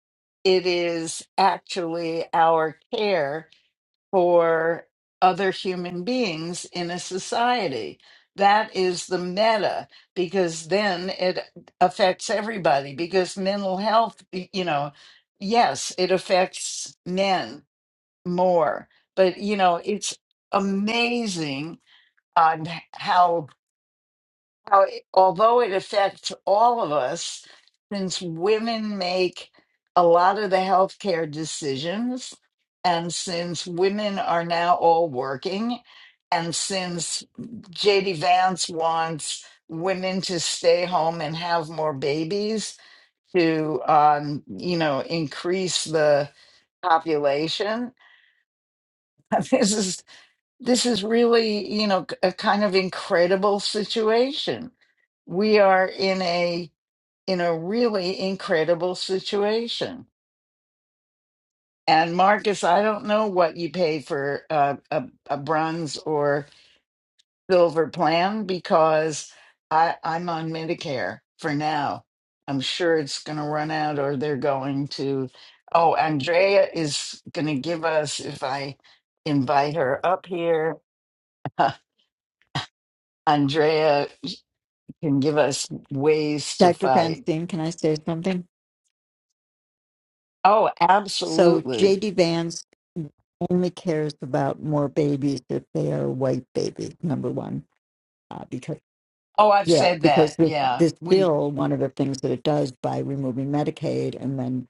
it is actually our care for other human beings in a society that is the meta because then it affects everybody because mental health y- you know yes it affects men more but you know it's amazing on how how it- although it affects all of us, since women make a lot of the healthcare decisions, and since women are now all working, and since JD Vance wants women to stay home and have more babies to, um, you know, increase the population, this is this is really, you know, a kind of incredible situation. We are in a in a really incredible situation. And Marcus, I don't know what you pay for a, a, a bronze or silver plan because I, I'm on Medicare for now. I'm sure it's going to run out, or they're going to. Oh, Andrea is going to give us if I invite her up here. Andrea can give us ways to
Dr.
fight.
Branstein, can I say something?
Oh,
So
absolutely.
JD Vance only cares about more babies if they are white babies, number one. Uh, because
Oh, I've
yeah,
said that.
because this
Yeah.
this
We
bill, one of the things that it does by removing Medicaid and then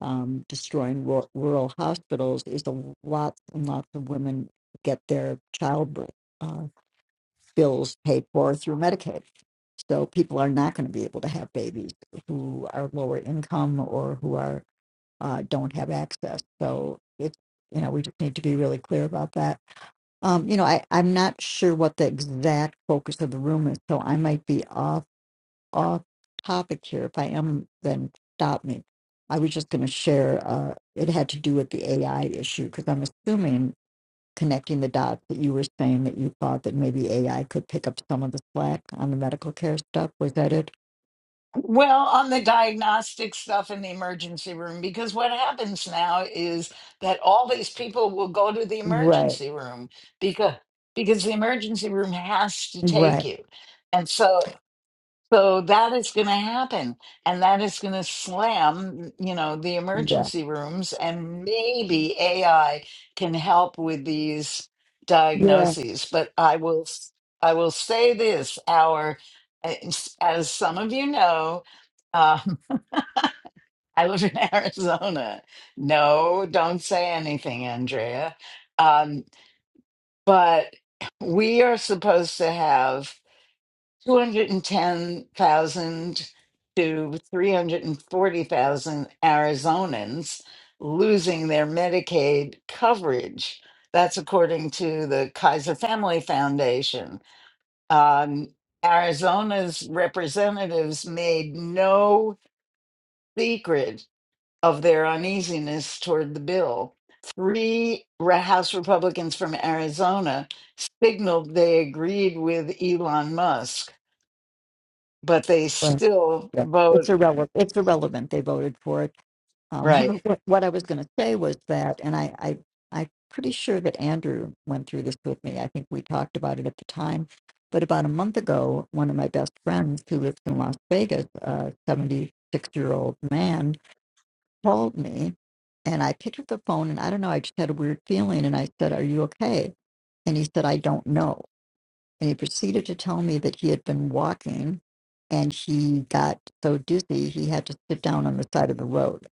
um, destroying ru- rural hospitals is a lots and lots of women get their childbirth uh, bills paid for through Medicaid. So people are not going to be able to have babies who are lower income or who are uh, don't have access. So it's you know we just need to be really clear about that. Um, you know, I I'm not sure what the exact focus of the room is, so I might be off off topic here. If I am, then stop me. I was just going to share. Uh, it had to do with the AI issue because I'm assuming connecting the dots that you were saying that you thought that maybe AI could pick up some of the slack on the medical care stuff. Was that it?
well, on the diagnostic stuff in the emergency room because what happens now is that all these people will go to the
Right.
emergency room because because the emergency room has to take
Right.
you. And so So that is going to happen, and that is going to slam, you know, the
Yeah.
emergency rooms, and maybe AI can help with these
Yeah.
diagnoses. But I will, s- I will say this: our, as some of you know, um, I live in Arizona. No, don't say anything, Andrea. Um, but we are supposed to have two hundred and ten thousand to three hundred and forty thousand Arizonans losing their Medicaid coverage. That's according to the Kaiser Family Foundation. Um, Arizona's representatives made no secret of their uneasiness toward the bill. Three Re- House Republicans from Arizona signaled they agreed with Elon Musk but they
Well,
still
yeah, It's
vote
irrelevant. It's irrelevant. They voted for it. Um,
right.
what, what I was going to say was that, and I, I, I'm pretty sure that Andrew went through this with me. I think we talked about it at the time. But about a month ago, one of my best friends who lives in Las Vegas, a 76 year old man, called me and I picked up the phone and I don't know, I just had a weird feeling and I said, Are you okay? And he said, I don't know. And he proceeded to tell me that he had been walking and he got so dizzy he had to sit down on the side of the road.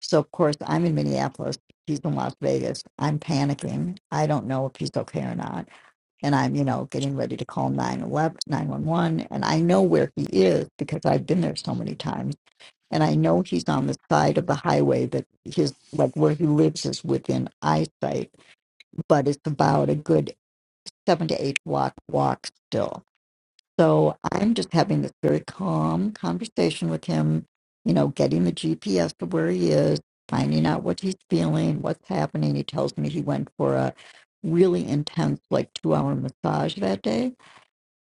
So, of course, I'm in Minneapolis. He's in Las Vegas. I'm panicking. I don't know if he's okay or not. And I'm, you know, getting ready to call nine eleven nine one one. And I know where he is because I've been there so many times. And I know he's on the side of the highway that his, like where he lives is within eyesight, but it's about a good seven to eight block walk still so I'm just having this very calm conversation with him, you know, getting the GPS to where he is, finding out what he's feeling, what's happening. He tells me he went for a really intense, like two hour massage that day.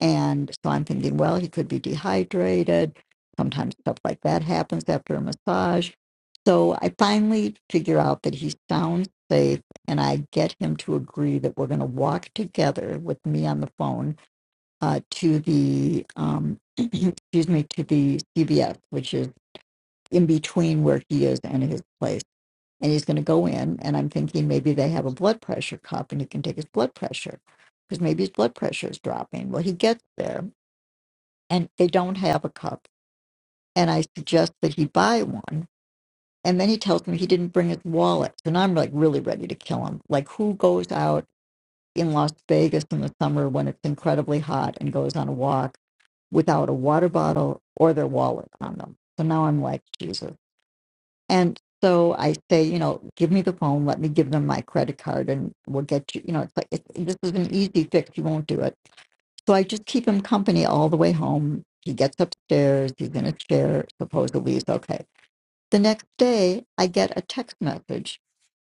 And so I'm thinking, well, he could be dehydrated. Sometimes stuff like that happens after a massage. So I finally figure out that he sounds safe and I get him to agree that we're going to walk together with me on the phone uh, to the um, excuse me to the CVS, which is in between where he is and his place. And he's going to go in, and I'm thinking maybe they have a blood pressure cup, and he can take his blood pressure because maybe his blood pressure is dropping. Well, he gets there, and they don't have a cup, and I suggest that he buy one. And then he tells me he didn't bring his wallet, and I'm like really ready to kill him. Like, who goes out in Las Vegas in the summer when it's incredibly hot and goes on a walk? without a water bottle or their wallet on them. So now I'm like, Jesus. And so I say, you know, give me the phone. Let me give them my credit card, and we'll get you. You know, it's like it, this is an easy fix. You won't do it. So I just keep him company all the way home. He gets upstairs. He's in a chair. Supposedly, he's okay. The next day, I get a text message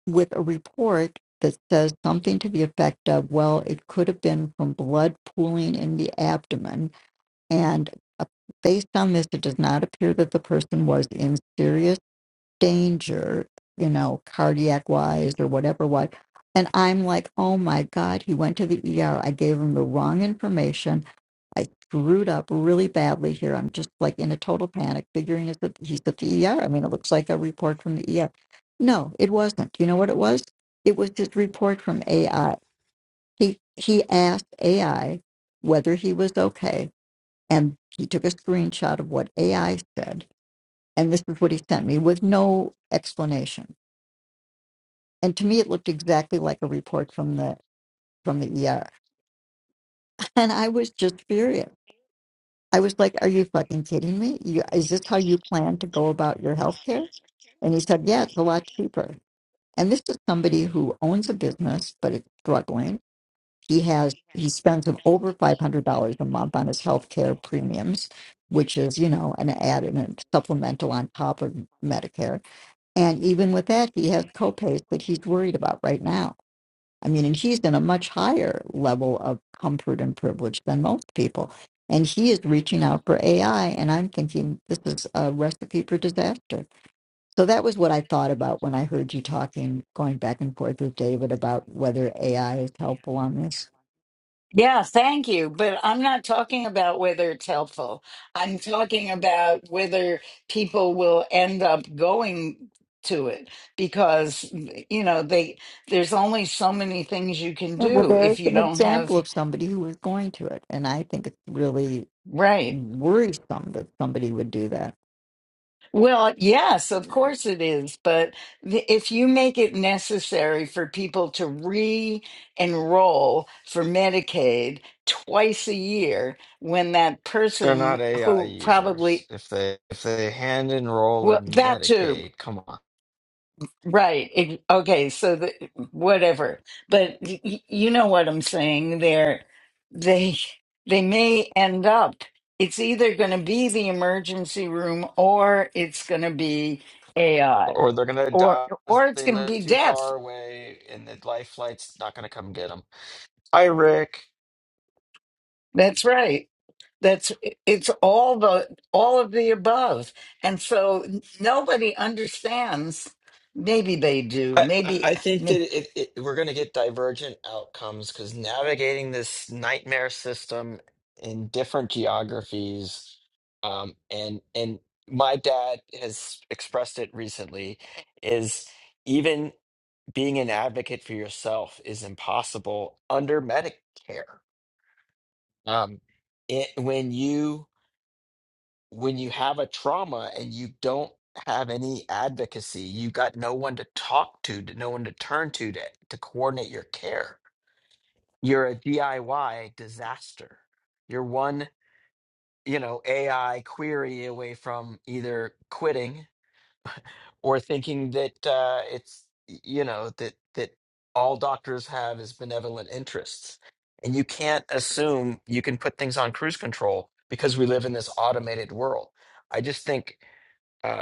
with a report that says something to the effect of, "Well, it could have been from blood pooling in the abdomen, and uh, based on this, it does not appear that the person was in serious danger, you know, cardiac wise or whatever. What, and I'm like, oh my god, he went to the ER. I gave him the wrong information. I screwed up really badly here. I'm just like in a total panic, figuring it's that he's at the ER. I mean, it looks like a report from the ER. No, it wasn't. You know what it was? It was his report from AI. He he asked AI whether he was okay and he took a screenshot of what AI said. And this is what he sent me with no explanation. And to me, it looked exactly like a report from the from the ER. And I was just furious. I was like, "Are you fucking kidding me? You, is this how you plan to go about your health care?" And he said, "Yeah, it's a lot cheaper." And this is somebody who owns a business, but it's struggling He has he spends an over five hundred dollars a month on his health care premiums, which is you know an added and supplemental on top of Medicare. And even with that, he has copays that he's worried about right now. I mean, and he's in a much higher level of comfort and privilege than most people. And he is reaching out for AI, and I'm thinking this is a recipe for disaster. So that was what I thought about when I heard you talking, going back and forth with David about whether AI is helpful on this.
Yeah, thank you. But I'm not talking about whether it's helpful. I'm talking about whether people will end up going to it because you know they there's only so many things you can
Yeah, Well,
do
there's
if you
an
don't have
example of somebody who is going to it, and I think it's really
right
worrisome that somebody would do that.
Well, yes, of course it is. But th- if you make it necessary for people to re enroll for Medicaid twice a year, when that
They're
person
not AI
who
users.
probably,
If they if they hand enroll
well,
in
that too,
Medicaid, come on.
right. It, okay, so the, whatever. But y- y- you know what I'm saying there. They, they may end up, it's either going to be the emergency room or it's going to be AI.
Or they're gonna die.
or
die because
or it's
They
going to
live
be
too
death.
far away, and the life flight's not gonna come get them. Hi, Rick.
That's right. That's it's all the all of the above, and so nobody understands. Maybe they do.
I, I
Maybe,
I think that
may-
it, it, we're going to get divergent outcomes because navigating this nightmare system in different geographies, um, and and my dad has expressed it recently, is even being an advocate for yourself is impossible under Medicare. Um, it, when you when you have a trauma and you don't have any advocacy, you got no one to talk to, to- no one to turn to, to to coordinate your care. You're a DIY disaster. You're one, you know, AI query away from either quitting or thinking that uh, it's, y- you know, that that all doctors have is benevolent interests. And you can't assume you can put things on cruise control because we live in this automated world. I just think. uh,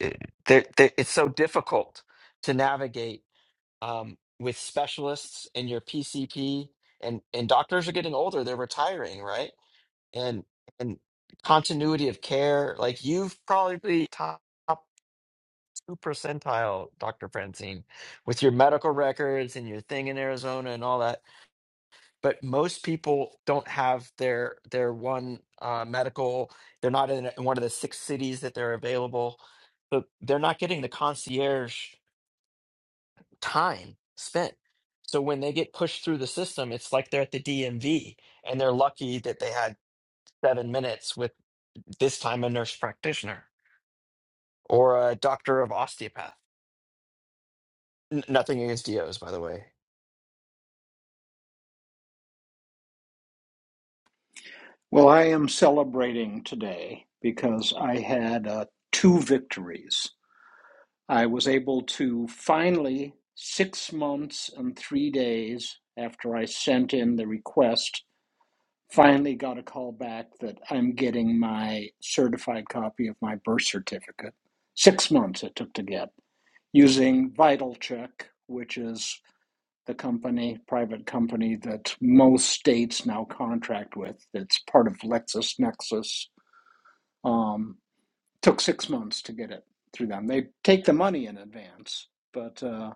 it- there, there, it's so difficult to navigate um, with specialists and your PCP and and doctors are getting older, they're retiring, right? And and continuity of care, like you've probably top two percentile, Dr. Francine, with your medical records and your thing in Arizona and all that but most people don't have their their one uh, medical. They're not in, in one of the six cities that they're available, but they're not getting the concierge time spent. So when they get pushed through the system, it's like they're at the DMV and they're lucky that they had seven minutes with this time a nurse practitioner or a doctor of osteopath. N- nothing against DOs, by the way.
Well, I am celebrating today because I had uh, two victories. I was able to finally, six months and three days after I sent in the request, finally got a call back that I'm getting my certified copy of my birth certificate. Six months it took to get using VitalCheck, which is the company, private company that most states now contract with. It's part of LexisNexis um, took six months to get it through them. They take the money in advance, but uh,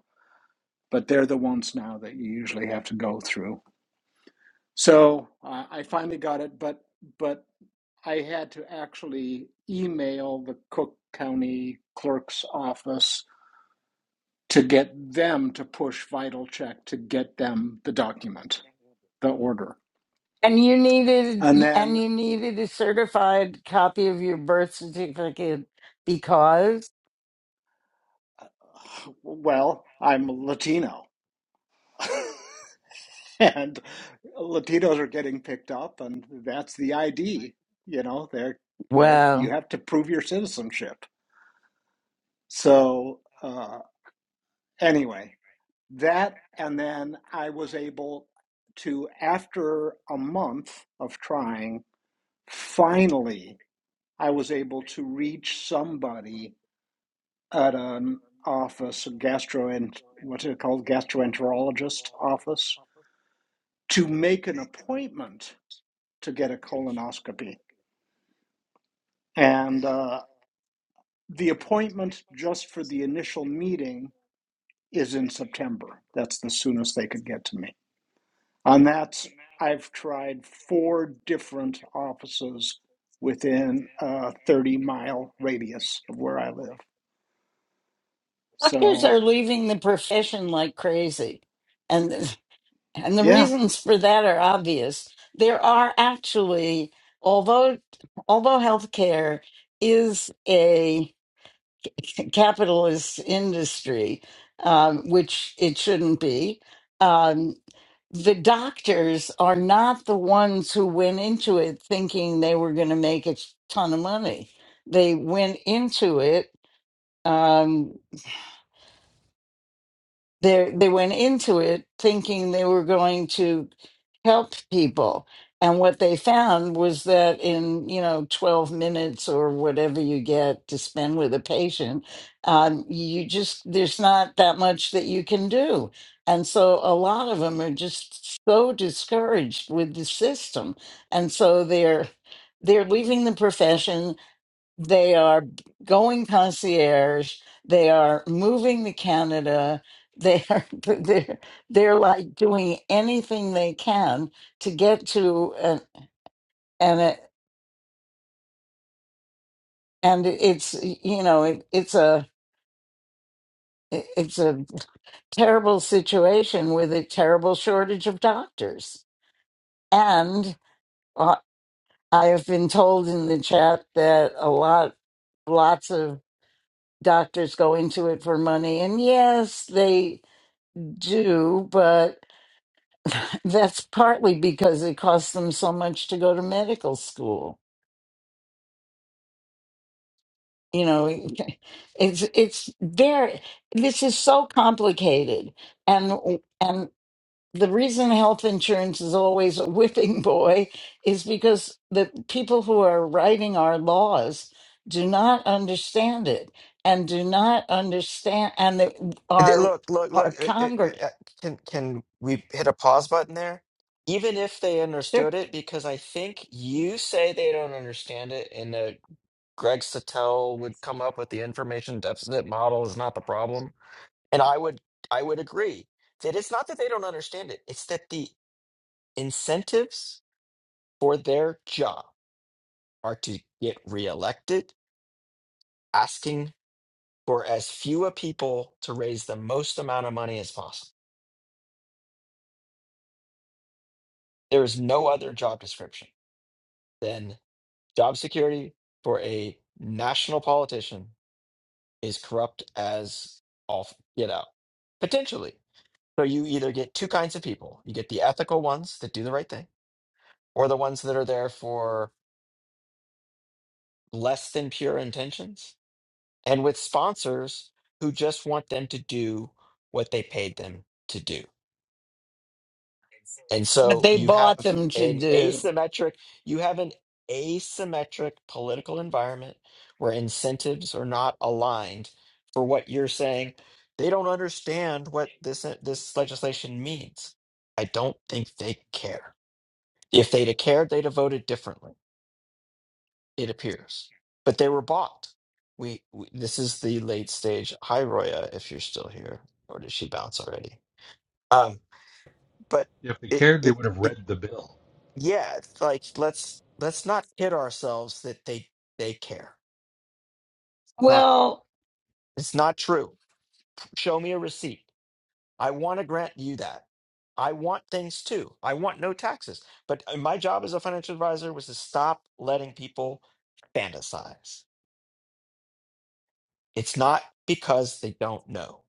but they're the ones now that you usually have to go through. So uh, I finally got it, but but I had to actually email the Cook County Clerk's office to get them to push Vital Check to get them the document, the order,
and you needed
and
and
then,
you needed a certified copy of your birth certificate because
uh, well, I'm Latino. and Latinos are getting picked up, and that's the ID. You know, they're they're you
well,
have to prove your citizenship. So uh, anyway, that and then I was able to, after a month of trying, finally I was able to reach somebody at an office, a gastroent what's it called, gastroenterologist office, to make an appointment to get a colonoscopy And uh, the appointment just for the initial meeting is in September. That's the soonest they could get to me. On that, I've tried four different offices within a 30 mile radius of where I live.
doctors
So,
are leaving the profession like crazy, and And the
yeah,
reasons for that are obvious. There are actually, although although healthcare is a capitalist industry, um, which it shouldn't be, um, the doctors are not the ones who went into it thinking they were going to make a ton of money. They went into it. um, they they went into it thinking they were going to help people and what they found was that in you know 12 minutes or whatever you get to spend with a patient um, you just there's not that much that you can do and so a lot of them are just so discouraged with the system and so they're they're leaving the profession they are going concierge. They are moving to Canada. They are they're they're like doing anything they can to get to an and it, and it's you know it, it's a it's a terrible situation with a terrible shortage of doctors. And uh, I have been told in the chat that a lot lots of doctors go into it for money and yes they do, but that's partly because it costs them so much to go to medical school. You know, it's it's very this is so complicated, and and the reason health insurance is always a whipping boy is because the people who are writing our laws do not understand it and do not understand and they,
Th-
our
Look, look, look.
our
uh, uh,
Congress
uh, Can can we hit a pause button there? Even if they
they're
understood it, because I think you say they don't understand it, and uh, Greg Sattell would come up with the information deficit model is not the problem, and I would I would agree that it's not that they don't understand it; it's that the incentives for their job are to get reelected, asking for as few a people to raise the most amount of money as possible. There is no other job description. then job security for a national politician is corrupt as all f- get out, potentially. So you either get two kinds of people you get the ethical ones that do the right thing, or the ones that are there for less than pure intentions, and with sponsors who just want them to do what they paid them to do. And
what
so
they
you
bought
have
them to
an
do.
asymmetric, you have an asymmetric political environment where incentives are not aligned for what you're saying. They don't understand what this uh, this legislation means. I don't think they care. If they'd have cared, they'd have voted differently, it appears. But they were bought. We, we this is the late stage. Hi Roya, if you're still here, or did she bounce already? Um, but
If they
it
cared, they
it
would have
it
read the bill.
yeah, it's like let's let's not kid ourselves that they they care. Not
Well,
it's not true. Show me a receipt. I want to grant you that. I want things too. I want no taxes. But uh, my job as a financial advisor was to stop letting people fantasize. It's not because they don't know.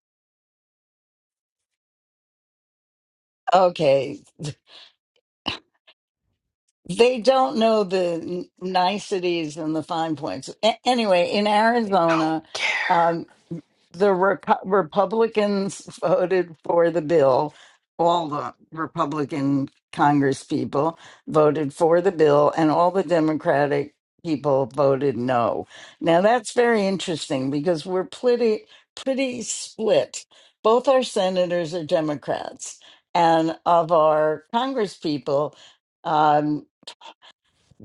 Okay, they don't know the n- niceties and the fine points. A- anyway, in
They don't
Arizona,
care.
um, the Repu- Republicans voted for the bill. All the Republican Congress people voted for the bill, and all the Democratic people voted no. Now that's very interesting because we're pretty pretty split. Both our senators are Democrats, and of our Congress people. um,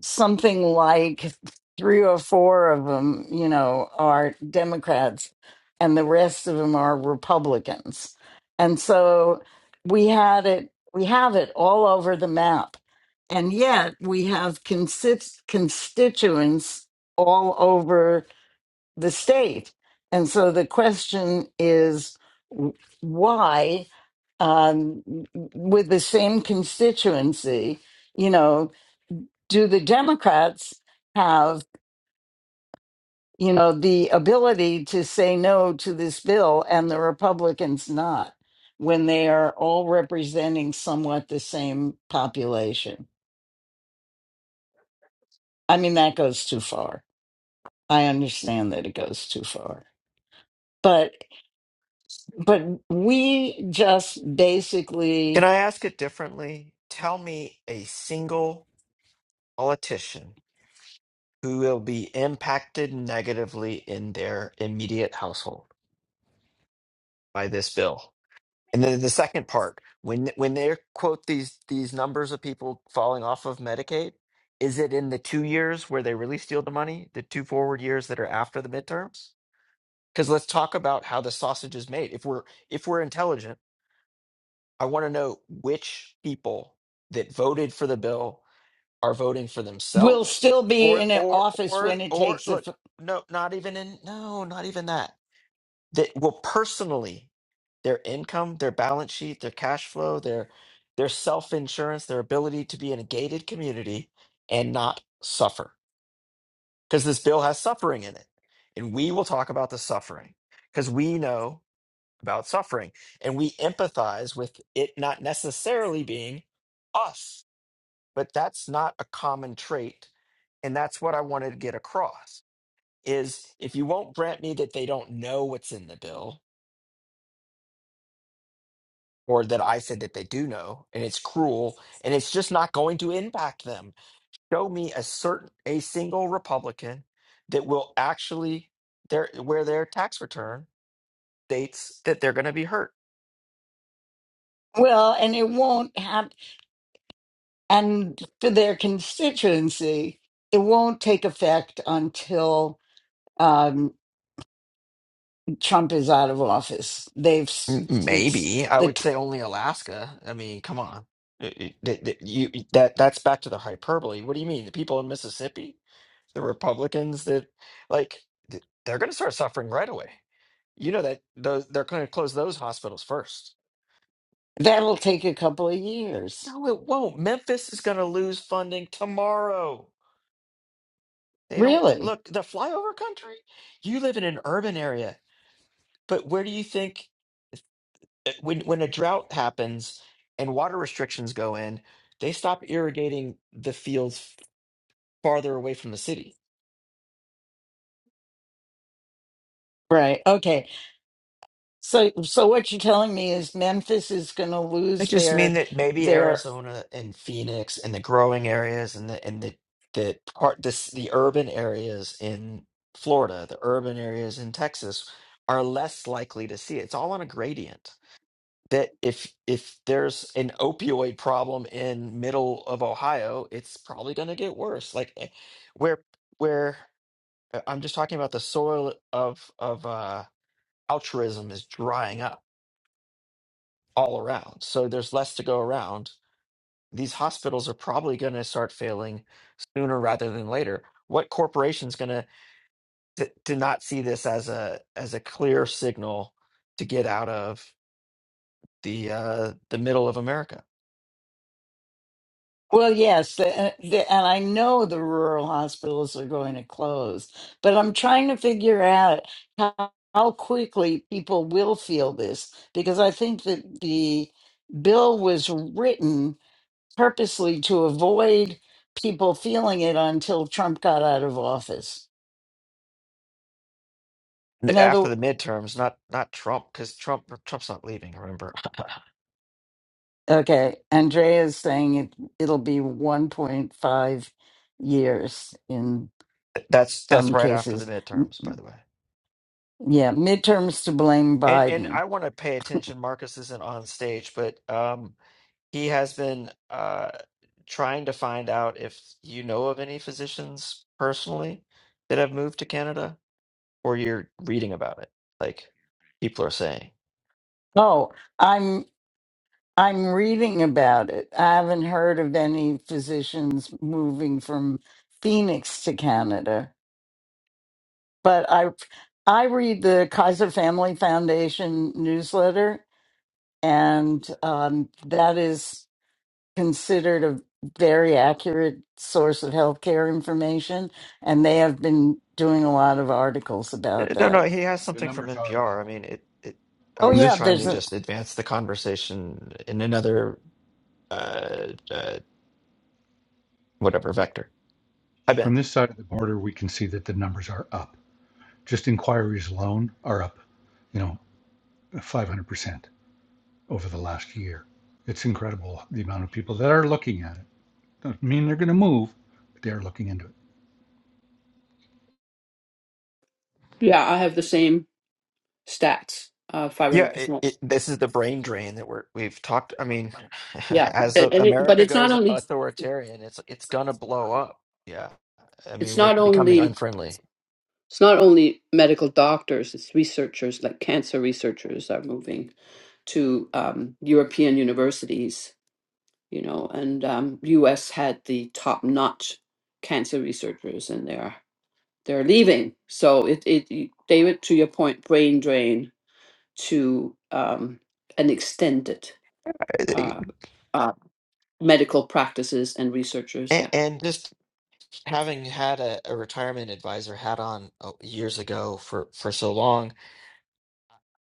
something like three or four of them, you know, are Democrats and the rest of them are Republicans. And so we had it, we have it all over the map. And yet we have consist- constituents all over the state. And so the question is w- why, um, with the same constituency, you know, do the Democrats have, you know, the ability to say no to this bill and the Republicans not when they are all representing somewhat the same population? I mean, that goes too far. I understand that it goes too far. But but we just
Can
basically
I ask it differently? Tell me a single politician who will be impacted negatively in their immediate household. by this bill. And then the second part, when when they quote these these numbers of people falling off of Medicaid, is it in the two years where they really steal the money, the two forward years that are after the midterms? Because let's talk about how the sausage is made. If we're if we're intelligent, I want to know which people that voted for the bill are voting for
will
themselves,
still be
or
in an
or
office
or
when it
or
takes a
look, no, not even in no, not even that that will personally their income, their balance sheet, their cash flow, their their self-insurance, their ability to be in a gated community and not suffer. Because this bill has suffering in it. And we will talk about the suffering because we know about suffering and we empathize with it not necessarily being us, but that's not a common trait. And that's what I wanted to get across is if you won't grant me that they don't know what's in the bill, or that I said that they do know, and it's cruel, and it's just not going to impact them. Show me a certain a single Republican that will actually their where their tax return states that they're going to be hurt.
well, and it won't have. and for their constituency, it won't take effect until um, Trump is out of office. They've s-
M-
it's
Maybe I
the
would
t-
say only Alaska. I mean, come on, It- it- that that- you that that's back to the hyperbole. What do you mean? The people in Mississippi, the Republicans that like th- they're going to start suffering right away. You know that those they're going to close those hospitals first
that'll take a couple of years,
No, it won't. Memphis is going to lose funding tomorrow. They don't
really.
look the flyover country. You live in an urban area, but where do you think uh, when when a drought happens and water restrictions go in, they stop irrigating the fields farther away from the city?
Right? Okay. So, so what you're telling me is Memphis is going to
I
lose
just mean
their
that maybe
their
Arizona and Phoenix and the growing areas and the and the the part this the urban areas in Florida, the urban areas in Texas are less likely to see it. It's all on a gradient. That if if there's an opioid problem in middle of Ohio, it's probably going to get worse. Like eh, where where uh, I'm just talking about the soil of of uh altruism is drying up all around. So there's less to go around these hospitals are probably going to start failing sooner rather than later. What corporation's going to to to not see this as a as a clear signal to get out of the uh, the middle of America
Well, yes, the, uh, the, and I know the rural hospitals are going to close, but I'm trying to figure out how, how quickly people will feel this because I think that the bill was written purposely to avoid people feeling it until Trump got out of office. In
N-
other,
after the midterms? Not not Trump because Trump Trump's not leaving. Remember
okay, Andrea is saying it, it'll be 1.5 years in
that's that's
some
right after the
cases.
midterms, by the way.
Yeah, midterms to blame
And and
Biden.
I want to pay attention. Marcus isn't on stage, but um, He has been uh, trying to find out if you know of any physicians personally that have moved to Canada or you're reading about it, like people are saying.
Oh, I'm I'm reading about it. I haven't heard of any physicians moving from Phoenix to Canada, but I I read the Kaiser Family Foundation newsletter, and um, that is. considered a very accurate source of healthcare information, and they have been doing a lot of articles about
Uh, No, no,
that.
he has
The
something from
numbers are
NPR.
up.
I mean, it, it, I
Oh
From
was
yeah,
this,
trying
there's
from
to
a
this,
just advance the conversation in another, uh, uh, whatever vector. Hi, Ben.
from this side of the border, we can see that the numbers are up. Just inquiries alone are up, you know, 500%. over the last year. It's incredible the amount of people that are looking at it. Doesn't mean they're going to move, but they're looking into it.
Yeah, I have the same stats, uh,
Yeah, it,
500%.
it, this is the brain drain that we're we've talked. I mean,
Yeah.
as uh,
And and it, but
America
it's not
goes
only it's
authoritarian, it's it's
not
gonna blow
only
up. Yeah, I
it's
mean, we're becoming unfriendly,
not only medical doctors it's researchers like cancer researchers are moving to um, european universities you know and um, us had the top notch cancer researchers and they're they're leaving so it, it david to your point brain drain to um, an extended uh,
and,
uh, medical practices and researchers. Yeah.
and just having had a, a retirement advisor hat on uh, years ago for for so long,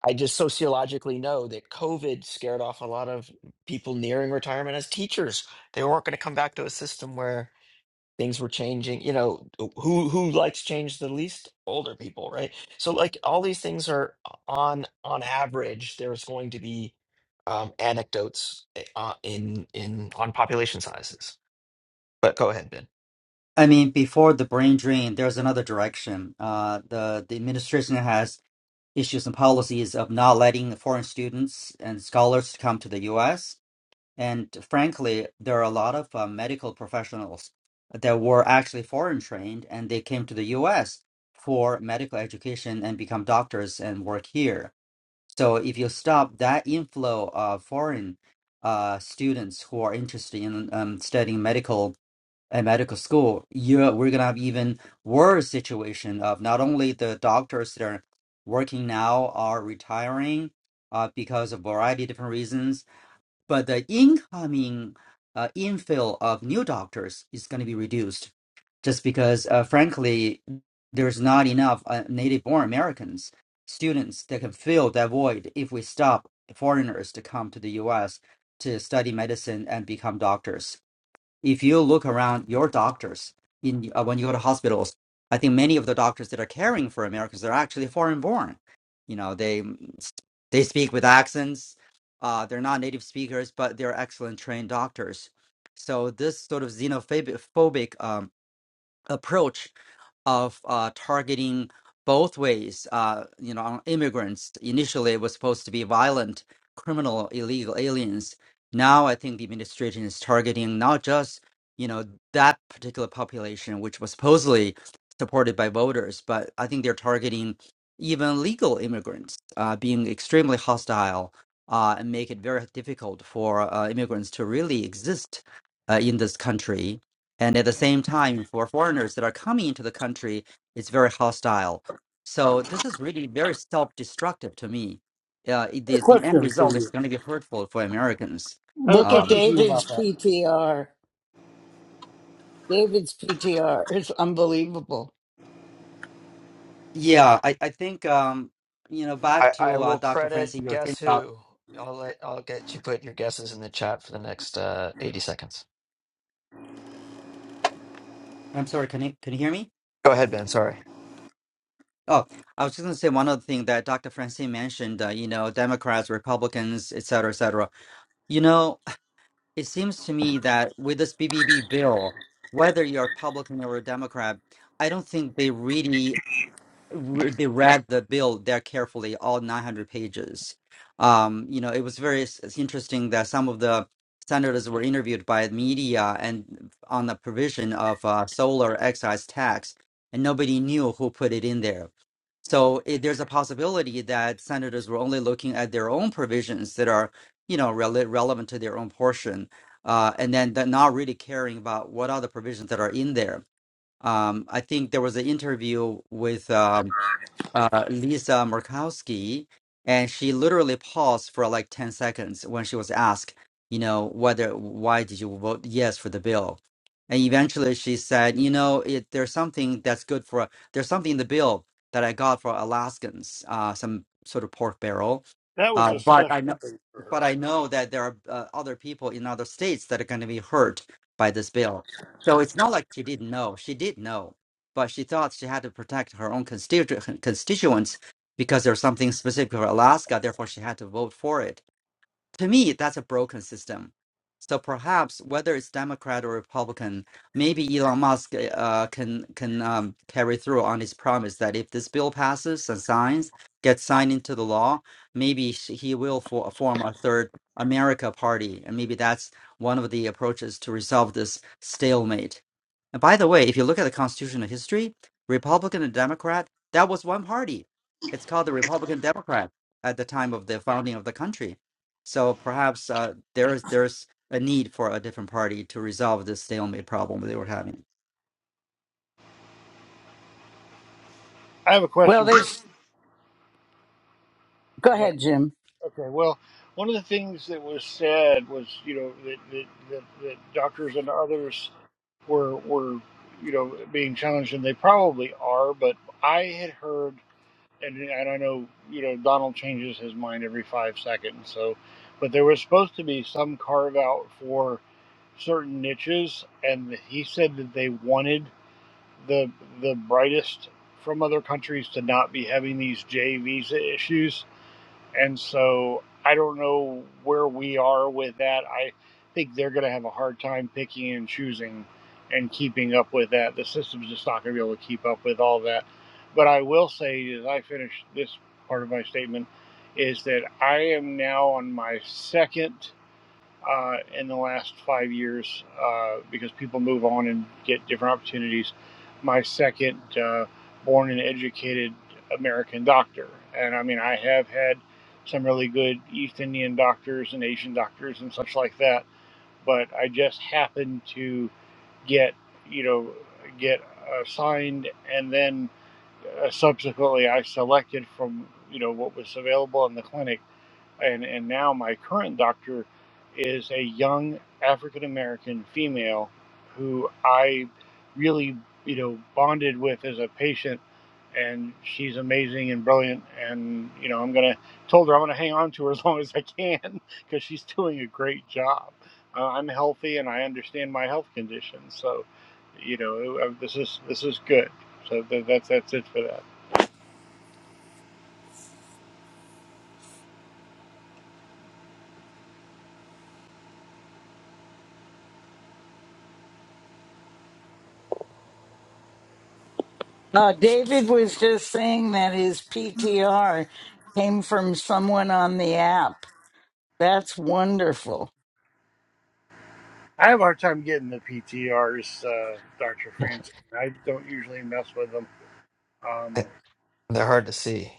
I just sociologically know that COVID scared off a lot of people nearing retirement as teachers. They weren't going to come back to a system where things were changing you know who who likes change the least older people right so like all these things are on on average there's going to be um anecdotes eh, uh, in in on population sizes but go ahead ben
I mean, before the brain drain, there's another direction. Uh, the the administration has issues and policies of not letting foreign students and scholars to come to the U.S. And frankly, there are a lot of uh, medical professionals that were actually foreign trained, and they came to the U.S. for medical education and become doctors and work here. So if you stop that inflow of foreign uh, students who are interested in um, studying medical at medical school, you're we're gonna have even worse situation of not only the doctors that are working now are retiring uh, because of variety of different reasons, but the incoming uh, infill of new doctors is going to be reduced just because, uh, frankly, there's not enough uh, native-born Americans students that can fill that void if we stop foreigners to come to the U.S. to study medicine and become doctors if you look around your doctors in uh, when you go to hospitals i think many of the doctors that are caring for americans are actually foreign born you know they they speak with accents uh, they're not native speakers but they're excellent trained doctors so this sort of xenophobic phobic, um, approach of uh, targeting both ways. Uh, you know, on immigrants initially it was supposed to be violent, criminal, illegal aliens. Now I think the administration is targeting not just you know that particular population, which was supposedly supported by voters, but I think they're targeting even legal immigrants, uh, being extremely hostile. Uh, and make it very difficult for uh, immigrants to really exist uh, in this country and at the same time, for foreigners that are coming into the country, it's very hostile. So this is really very self-destructive to me. Uh, it-
I have
the
a
the end
question for
result is
you.
going to be hurtful for Americans.
I have a
look at
question
Um,
for you
David's
about that.
PTR. David's PTR is unbelievable.
yeah, I I think um, you know back
i i
to uh,
will
Dr. Francine,
credit
your thing
guess
about.
who i'll let i'll get you put your guesses in the chat for the next uh 80 seconds
I'm sorry, can you can you hear me?
go ahead ben sorry
Oh, I was just going to say one other thing that Dr. Francine mentioned. Uh, you know, Democrats, Republicans, et cetera, et cetera. You know. it seems to me that with this BBB bill, whether you're a Republican or a Democrat, I don't think they really re- they read the bill there carefully, all 900 pages. Um, you know, it was very s- it's interesting that some of the senators were interviewed by the media and on the provision of uh, solar excise tax, and nobody knew who put it in there so it, there's a possibility that senators were only looking at their own provisions that are, you know, rele- relevant to their own portion, uh, and then they're not really caring about what other provisions that are in there. Um, I think there was an interview with um, uh, Lisa Murkowski, and she literally paused for like 10 seconds when she was asked, you know, whether why did you vote yes for the bill? And eventually she said, you know, it, there's something that's good for, there's something in the bill that I got for Alaskans, uh, some sort of pork barrel.
That was
Uh,
a
but I
special
know,
thing.
but I know that there are uh, other people in other states that are going to be hurt by this bill. So it's not like she didn't know. She did know but she thought she had to protect her own constitu- constituents because there's something specific for Alaska, therefore she had to vote for it to me, that's a broken system. So perhaps whether it's Democrat or Republican, maybe Elon Musk eh, uh, can can um, carry through on his promise that if this bill passes and signs gets signed into the law, maybe sh- he will for, form a third America party, and maybe that's one of the approaches to resolve this stalemate. And by the way, if you look at the constitutional history, Republican and Democrat, that was one party. It's called the Republican Democrat at the time of the founding of the country so perhaps uh, there is there's a need for a different party to resolve this stalemate problem they were having.
I have a
Well,
question for you.
there's go
Is that
ahead, Jim.
okay? Well, one of the things that was said was, you know, that that, that, that doctors and others were were, you know, being challenged, and they probably are. But I had heard. and, and I know you know Donald changes his mind every five seconds. So, but there was supposed to be some carve out for certain niches, and he said that they wanted the the brightest from other countries to not be having these J visa issues and so I don't know where we are with that. I think they're going to have a hard time picking and choosing and keeping up with that. The system's just not going to be able to keep up with all that. But I will say, as I finish this part of my statement, is that I am now on my second uh, in the last five years uh, because people move on and get different opportunities. My second uh, born and educated American doctor. And I mean, I have had some really good East Indian doctors and Asian doctors and such like that, but I just happened to get, you know, get assigned and then uh, subsequently I selected from, you know, what was available in the clinic and and now my current doctor is a young African American female who I really you know bonded with as a patient and she's amazing and brilliant and you know I'm gonna told her I'm gonna hang on to her as long as I can because she's doing a great job. Uh, I'm healthy and I understand my health condition so you know uh, this is this is good so th- that's that's it for that.
Uh, David was just saying that his PTR came from someone on the app. That's wonderful.
I have a hard time getting the PTRs, uh, Dr. Francine. I don't usually mess with them. Um,
they're hard to see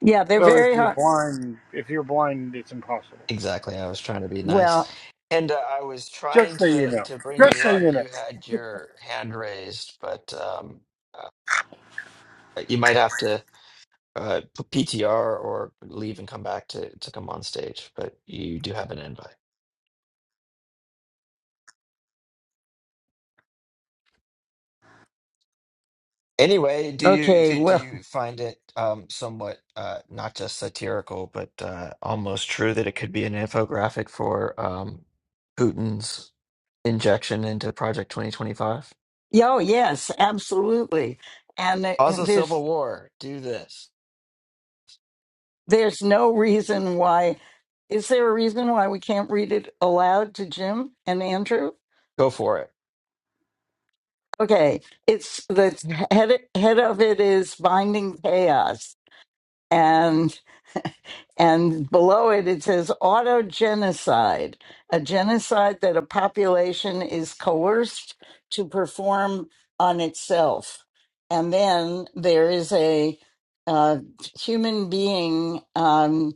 Yeah, they're
well, if
very
you're
hard.
blind, if you're blind, it's impossible.
Exactly. I was trying to be nice.
Well,
And uh, I was
Just
trying
so you
to
know.
to bring
Just
you
so
up.
you know.
You had your hand raised, but um, uh, you might have to uh, p- PTR or leave and come back to to come on stage. But you do have an invite. Anyway, do you
okay,
do, do
well.
you find it um, somewhat uh, not just satirical, but uh, almost true that it could be an infographic for um, Putin's injection into Project 2025?
Oh yes, absolutely. And it-
Cause
and
a civil
there's
war. Do this.
there's no reason why. Is there a reason why we can't read it aloud to Jim and Andrew?
Go for it.
Okay, it's the head head of it is binding chaos. and and below it it says auto genocide a genocide that a population is coerced to perform on itself and then there is a uh, human being Um,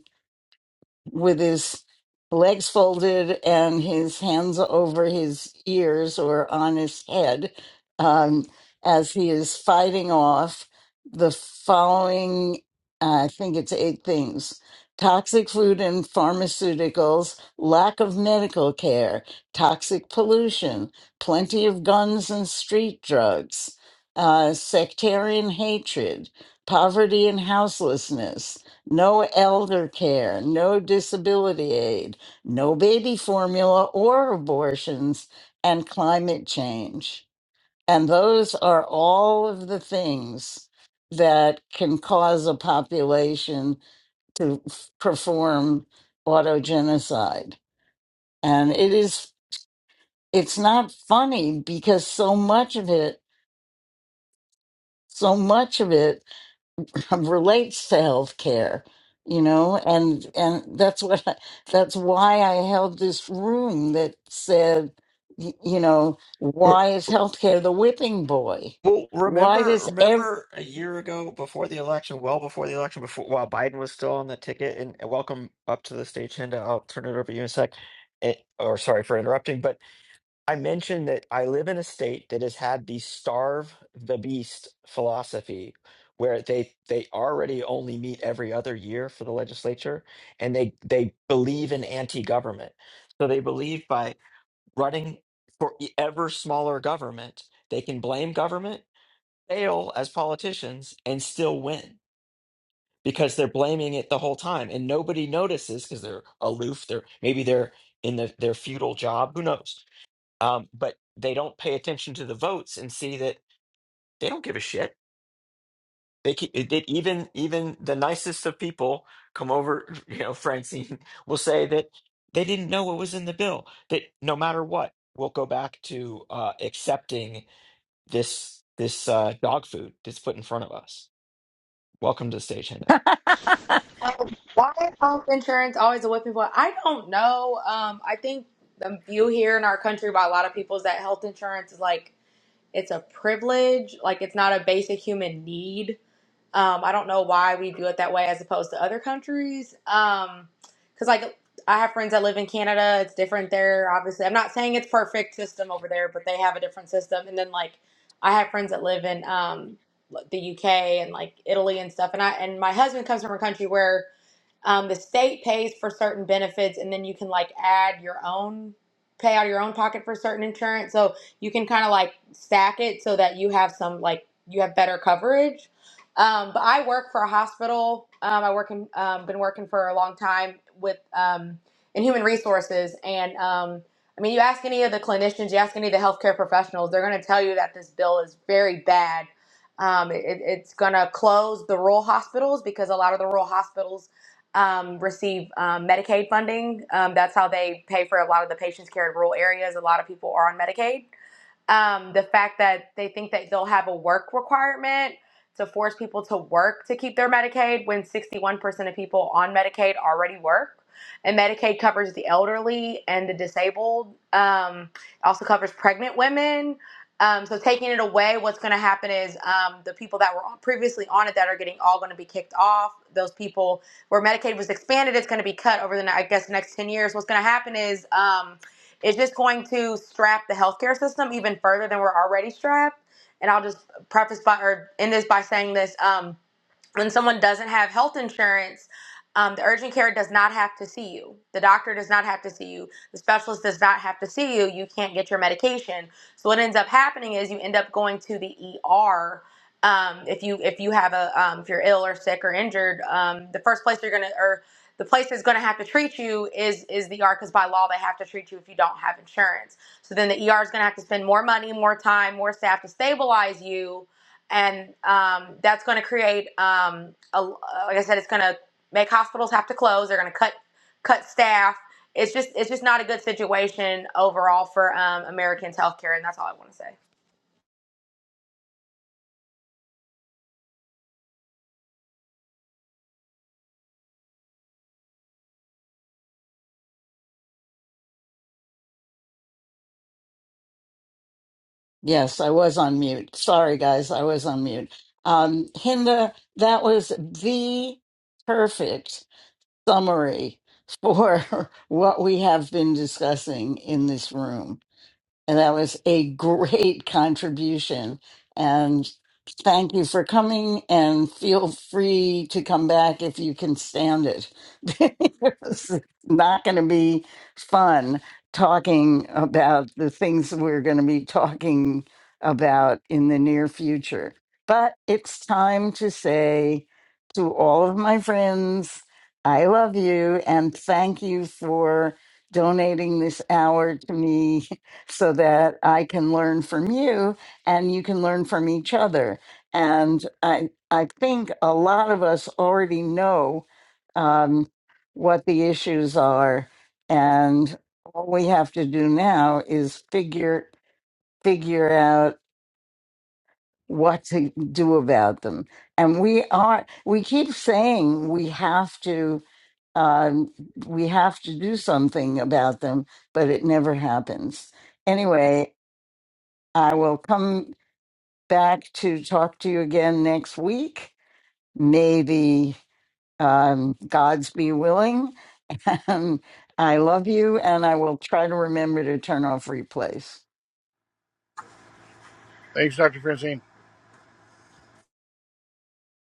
with his legs folded and his hands over his ears or on his head um, as he is fighting off the following I think it's eight things toxic food and pharmaceuticals, lack of medical care, toxic pollution, plenty of guns and street drugs, uh, sectarian hatred, poverty and houselessness. No elder care, no disability aid, no baby formula or abortions, and climate change. And those are all of the things that can cause a population to f- perform autogenocide. And it is, it's not funny because so much of it, so much of it um, relates to healthcare, you know, and and that's what I, that's why I held this room that said, y- you know,
Uh,
why is healthcare the whipping boy?
Well,
Why
remember,
does ev?
remember a year ago, before the election, well before the election, before while Biden was still on the ticket, and and welcome up to the stage, Hinda. I'll turn it over to you in a sec. It, or sorry for interrupting, but I mentioned that I live in a state that has had the starve the beast philosophy, where they they already only meet every other year for the legislature, and they they believe in anti government. So they believe by running for e, ever smaller government. They can blame government, fail as politicians, and still win because they're blaming it the whole time, and nobody notices because they're aloof. They're maybe they're in the, their feudal job. Who knows? Um, but they don't pay attention to the votes and see that they don't give a shit. They keep, it, it, even even the nicest of people come over. You know, Francine will say that they didn't know what was in the bill. That no matter what, we'll go back to uh, accepting this this uh, dog food that's put in front of us. Welcome to the stage,
Um, why is health insurance always a whipping boy? I don't know. Um, I think the view here in our country by a lot of people is that health insurance is like it's a privilege, like it's not a basic human need. Um, I don't know why we view it that way as opposed to other countries. Um, because like I have friends that live in Canada, it's different there. Obviously, I'm not saying it's perfect system over there, but they have a different system. And then like I have friends that live in um the UK and like Italy and stuff. And I and my husband comes from a country where um, the state pays for certain benefits, and then you can like add your own, pay out of your own pocket for certain insurance. So you can kind of like stack it so that you have some like you have better coverage. Um, but I work for a hospital. Um, I work in um, been working for a long time with um, in human resources, and um, I mean, you ask any of the clinicians, you ask any of the healthcare professionals, they're going to tell you that this bill is very bad. Um, it, it's going to close the rural hospitals because a lot of the rural hospitals um, receive um, Medicaid funding. Um, that's how they pay for a lot of the patients care in rural areas. A lot of people are on Medicaid um, the fact that they think that they'll have a work requirement to force people to work to keep their Medicaid when 61% of people on Medicaid already work. And Medicaid covers the elderly and the disabled, um, it also covers pregnant women. Um, so taking it away, what's going to happen is um, the people that were previously on it that are getting all going to be kicked off. Those people where Medicaid was expanded, it's going to be cut over the I guess the next ten years. What's going to happen is um, it's just going to strap the healthcare system even further than we're already strapped. And I'll just preface by or end this by saying this. Um, when someone doesn't have health insurance, um, the urgent care does not have to see you. The doctor does not have to see you. The specialist does not have to see you. You can't get your medication. So what ends up happening is you end up going to the ER. Um, if you if you have a um, if you're ill or sick or injured, um, the first place you're gonna or the place that's gonna have to treat you is is the ER because by law they have to treat you if you don't have insurance. So then the ER is gonna have to spend more money, more time, more staff to stabilize you and um, that's going to create um, a, like i said it's going to make hospitals have to close they're going to cut cut staff it's just it's just not a good situation overall for um, americans healthcare and that's all i want to say
Yes, I was on mute. Sorry, guys, I was on mute. Um, Hinda, that was the perfect summary for what we have been discussing in this room, and that was a great contribution Thank you for coming and feel free to come back if you can stand it. it's not going to be fun talking about the things we're going to be talking about in the near future. But it's time to say to all of my friends, I love you and thank you for donating this hour to me so that I can learn from you and you can learn from each other. And I, I think a lot of us already know um, what the issues are. And all we have to do now is figure, figure out what to do about them. And we are, we keep saying we have to, um, we have to do something about them, but it never happens. Anyway, I will come back to talk to you again next week. Maybe Um, God's be willing. And I love you. And I will try to remember to turn off replays.
Thanks, Dr. Francine.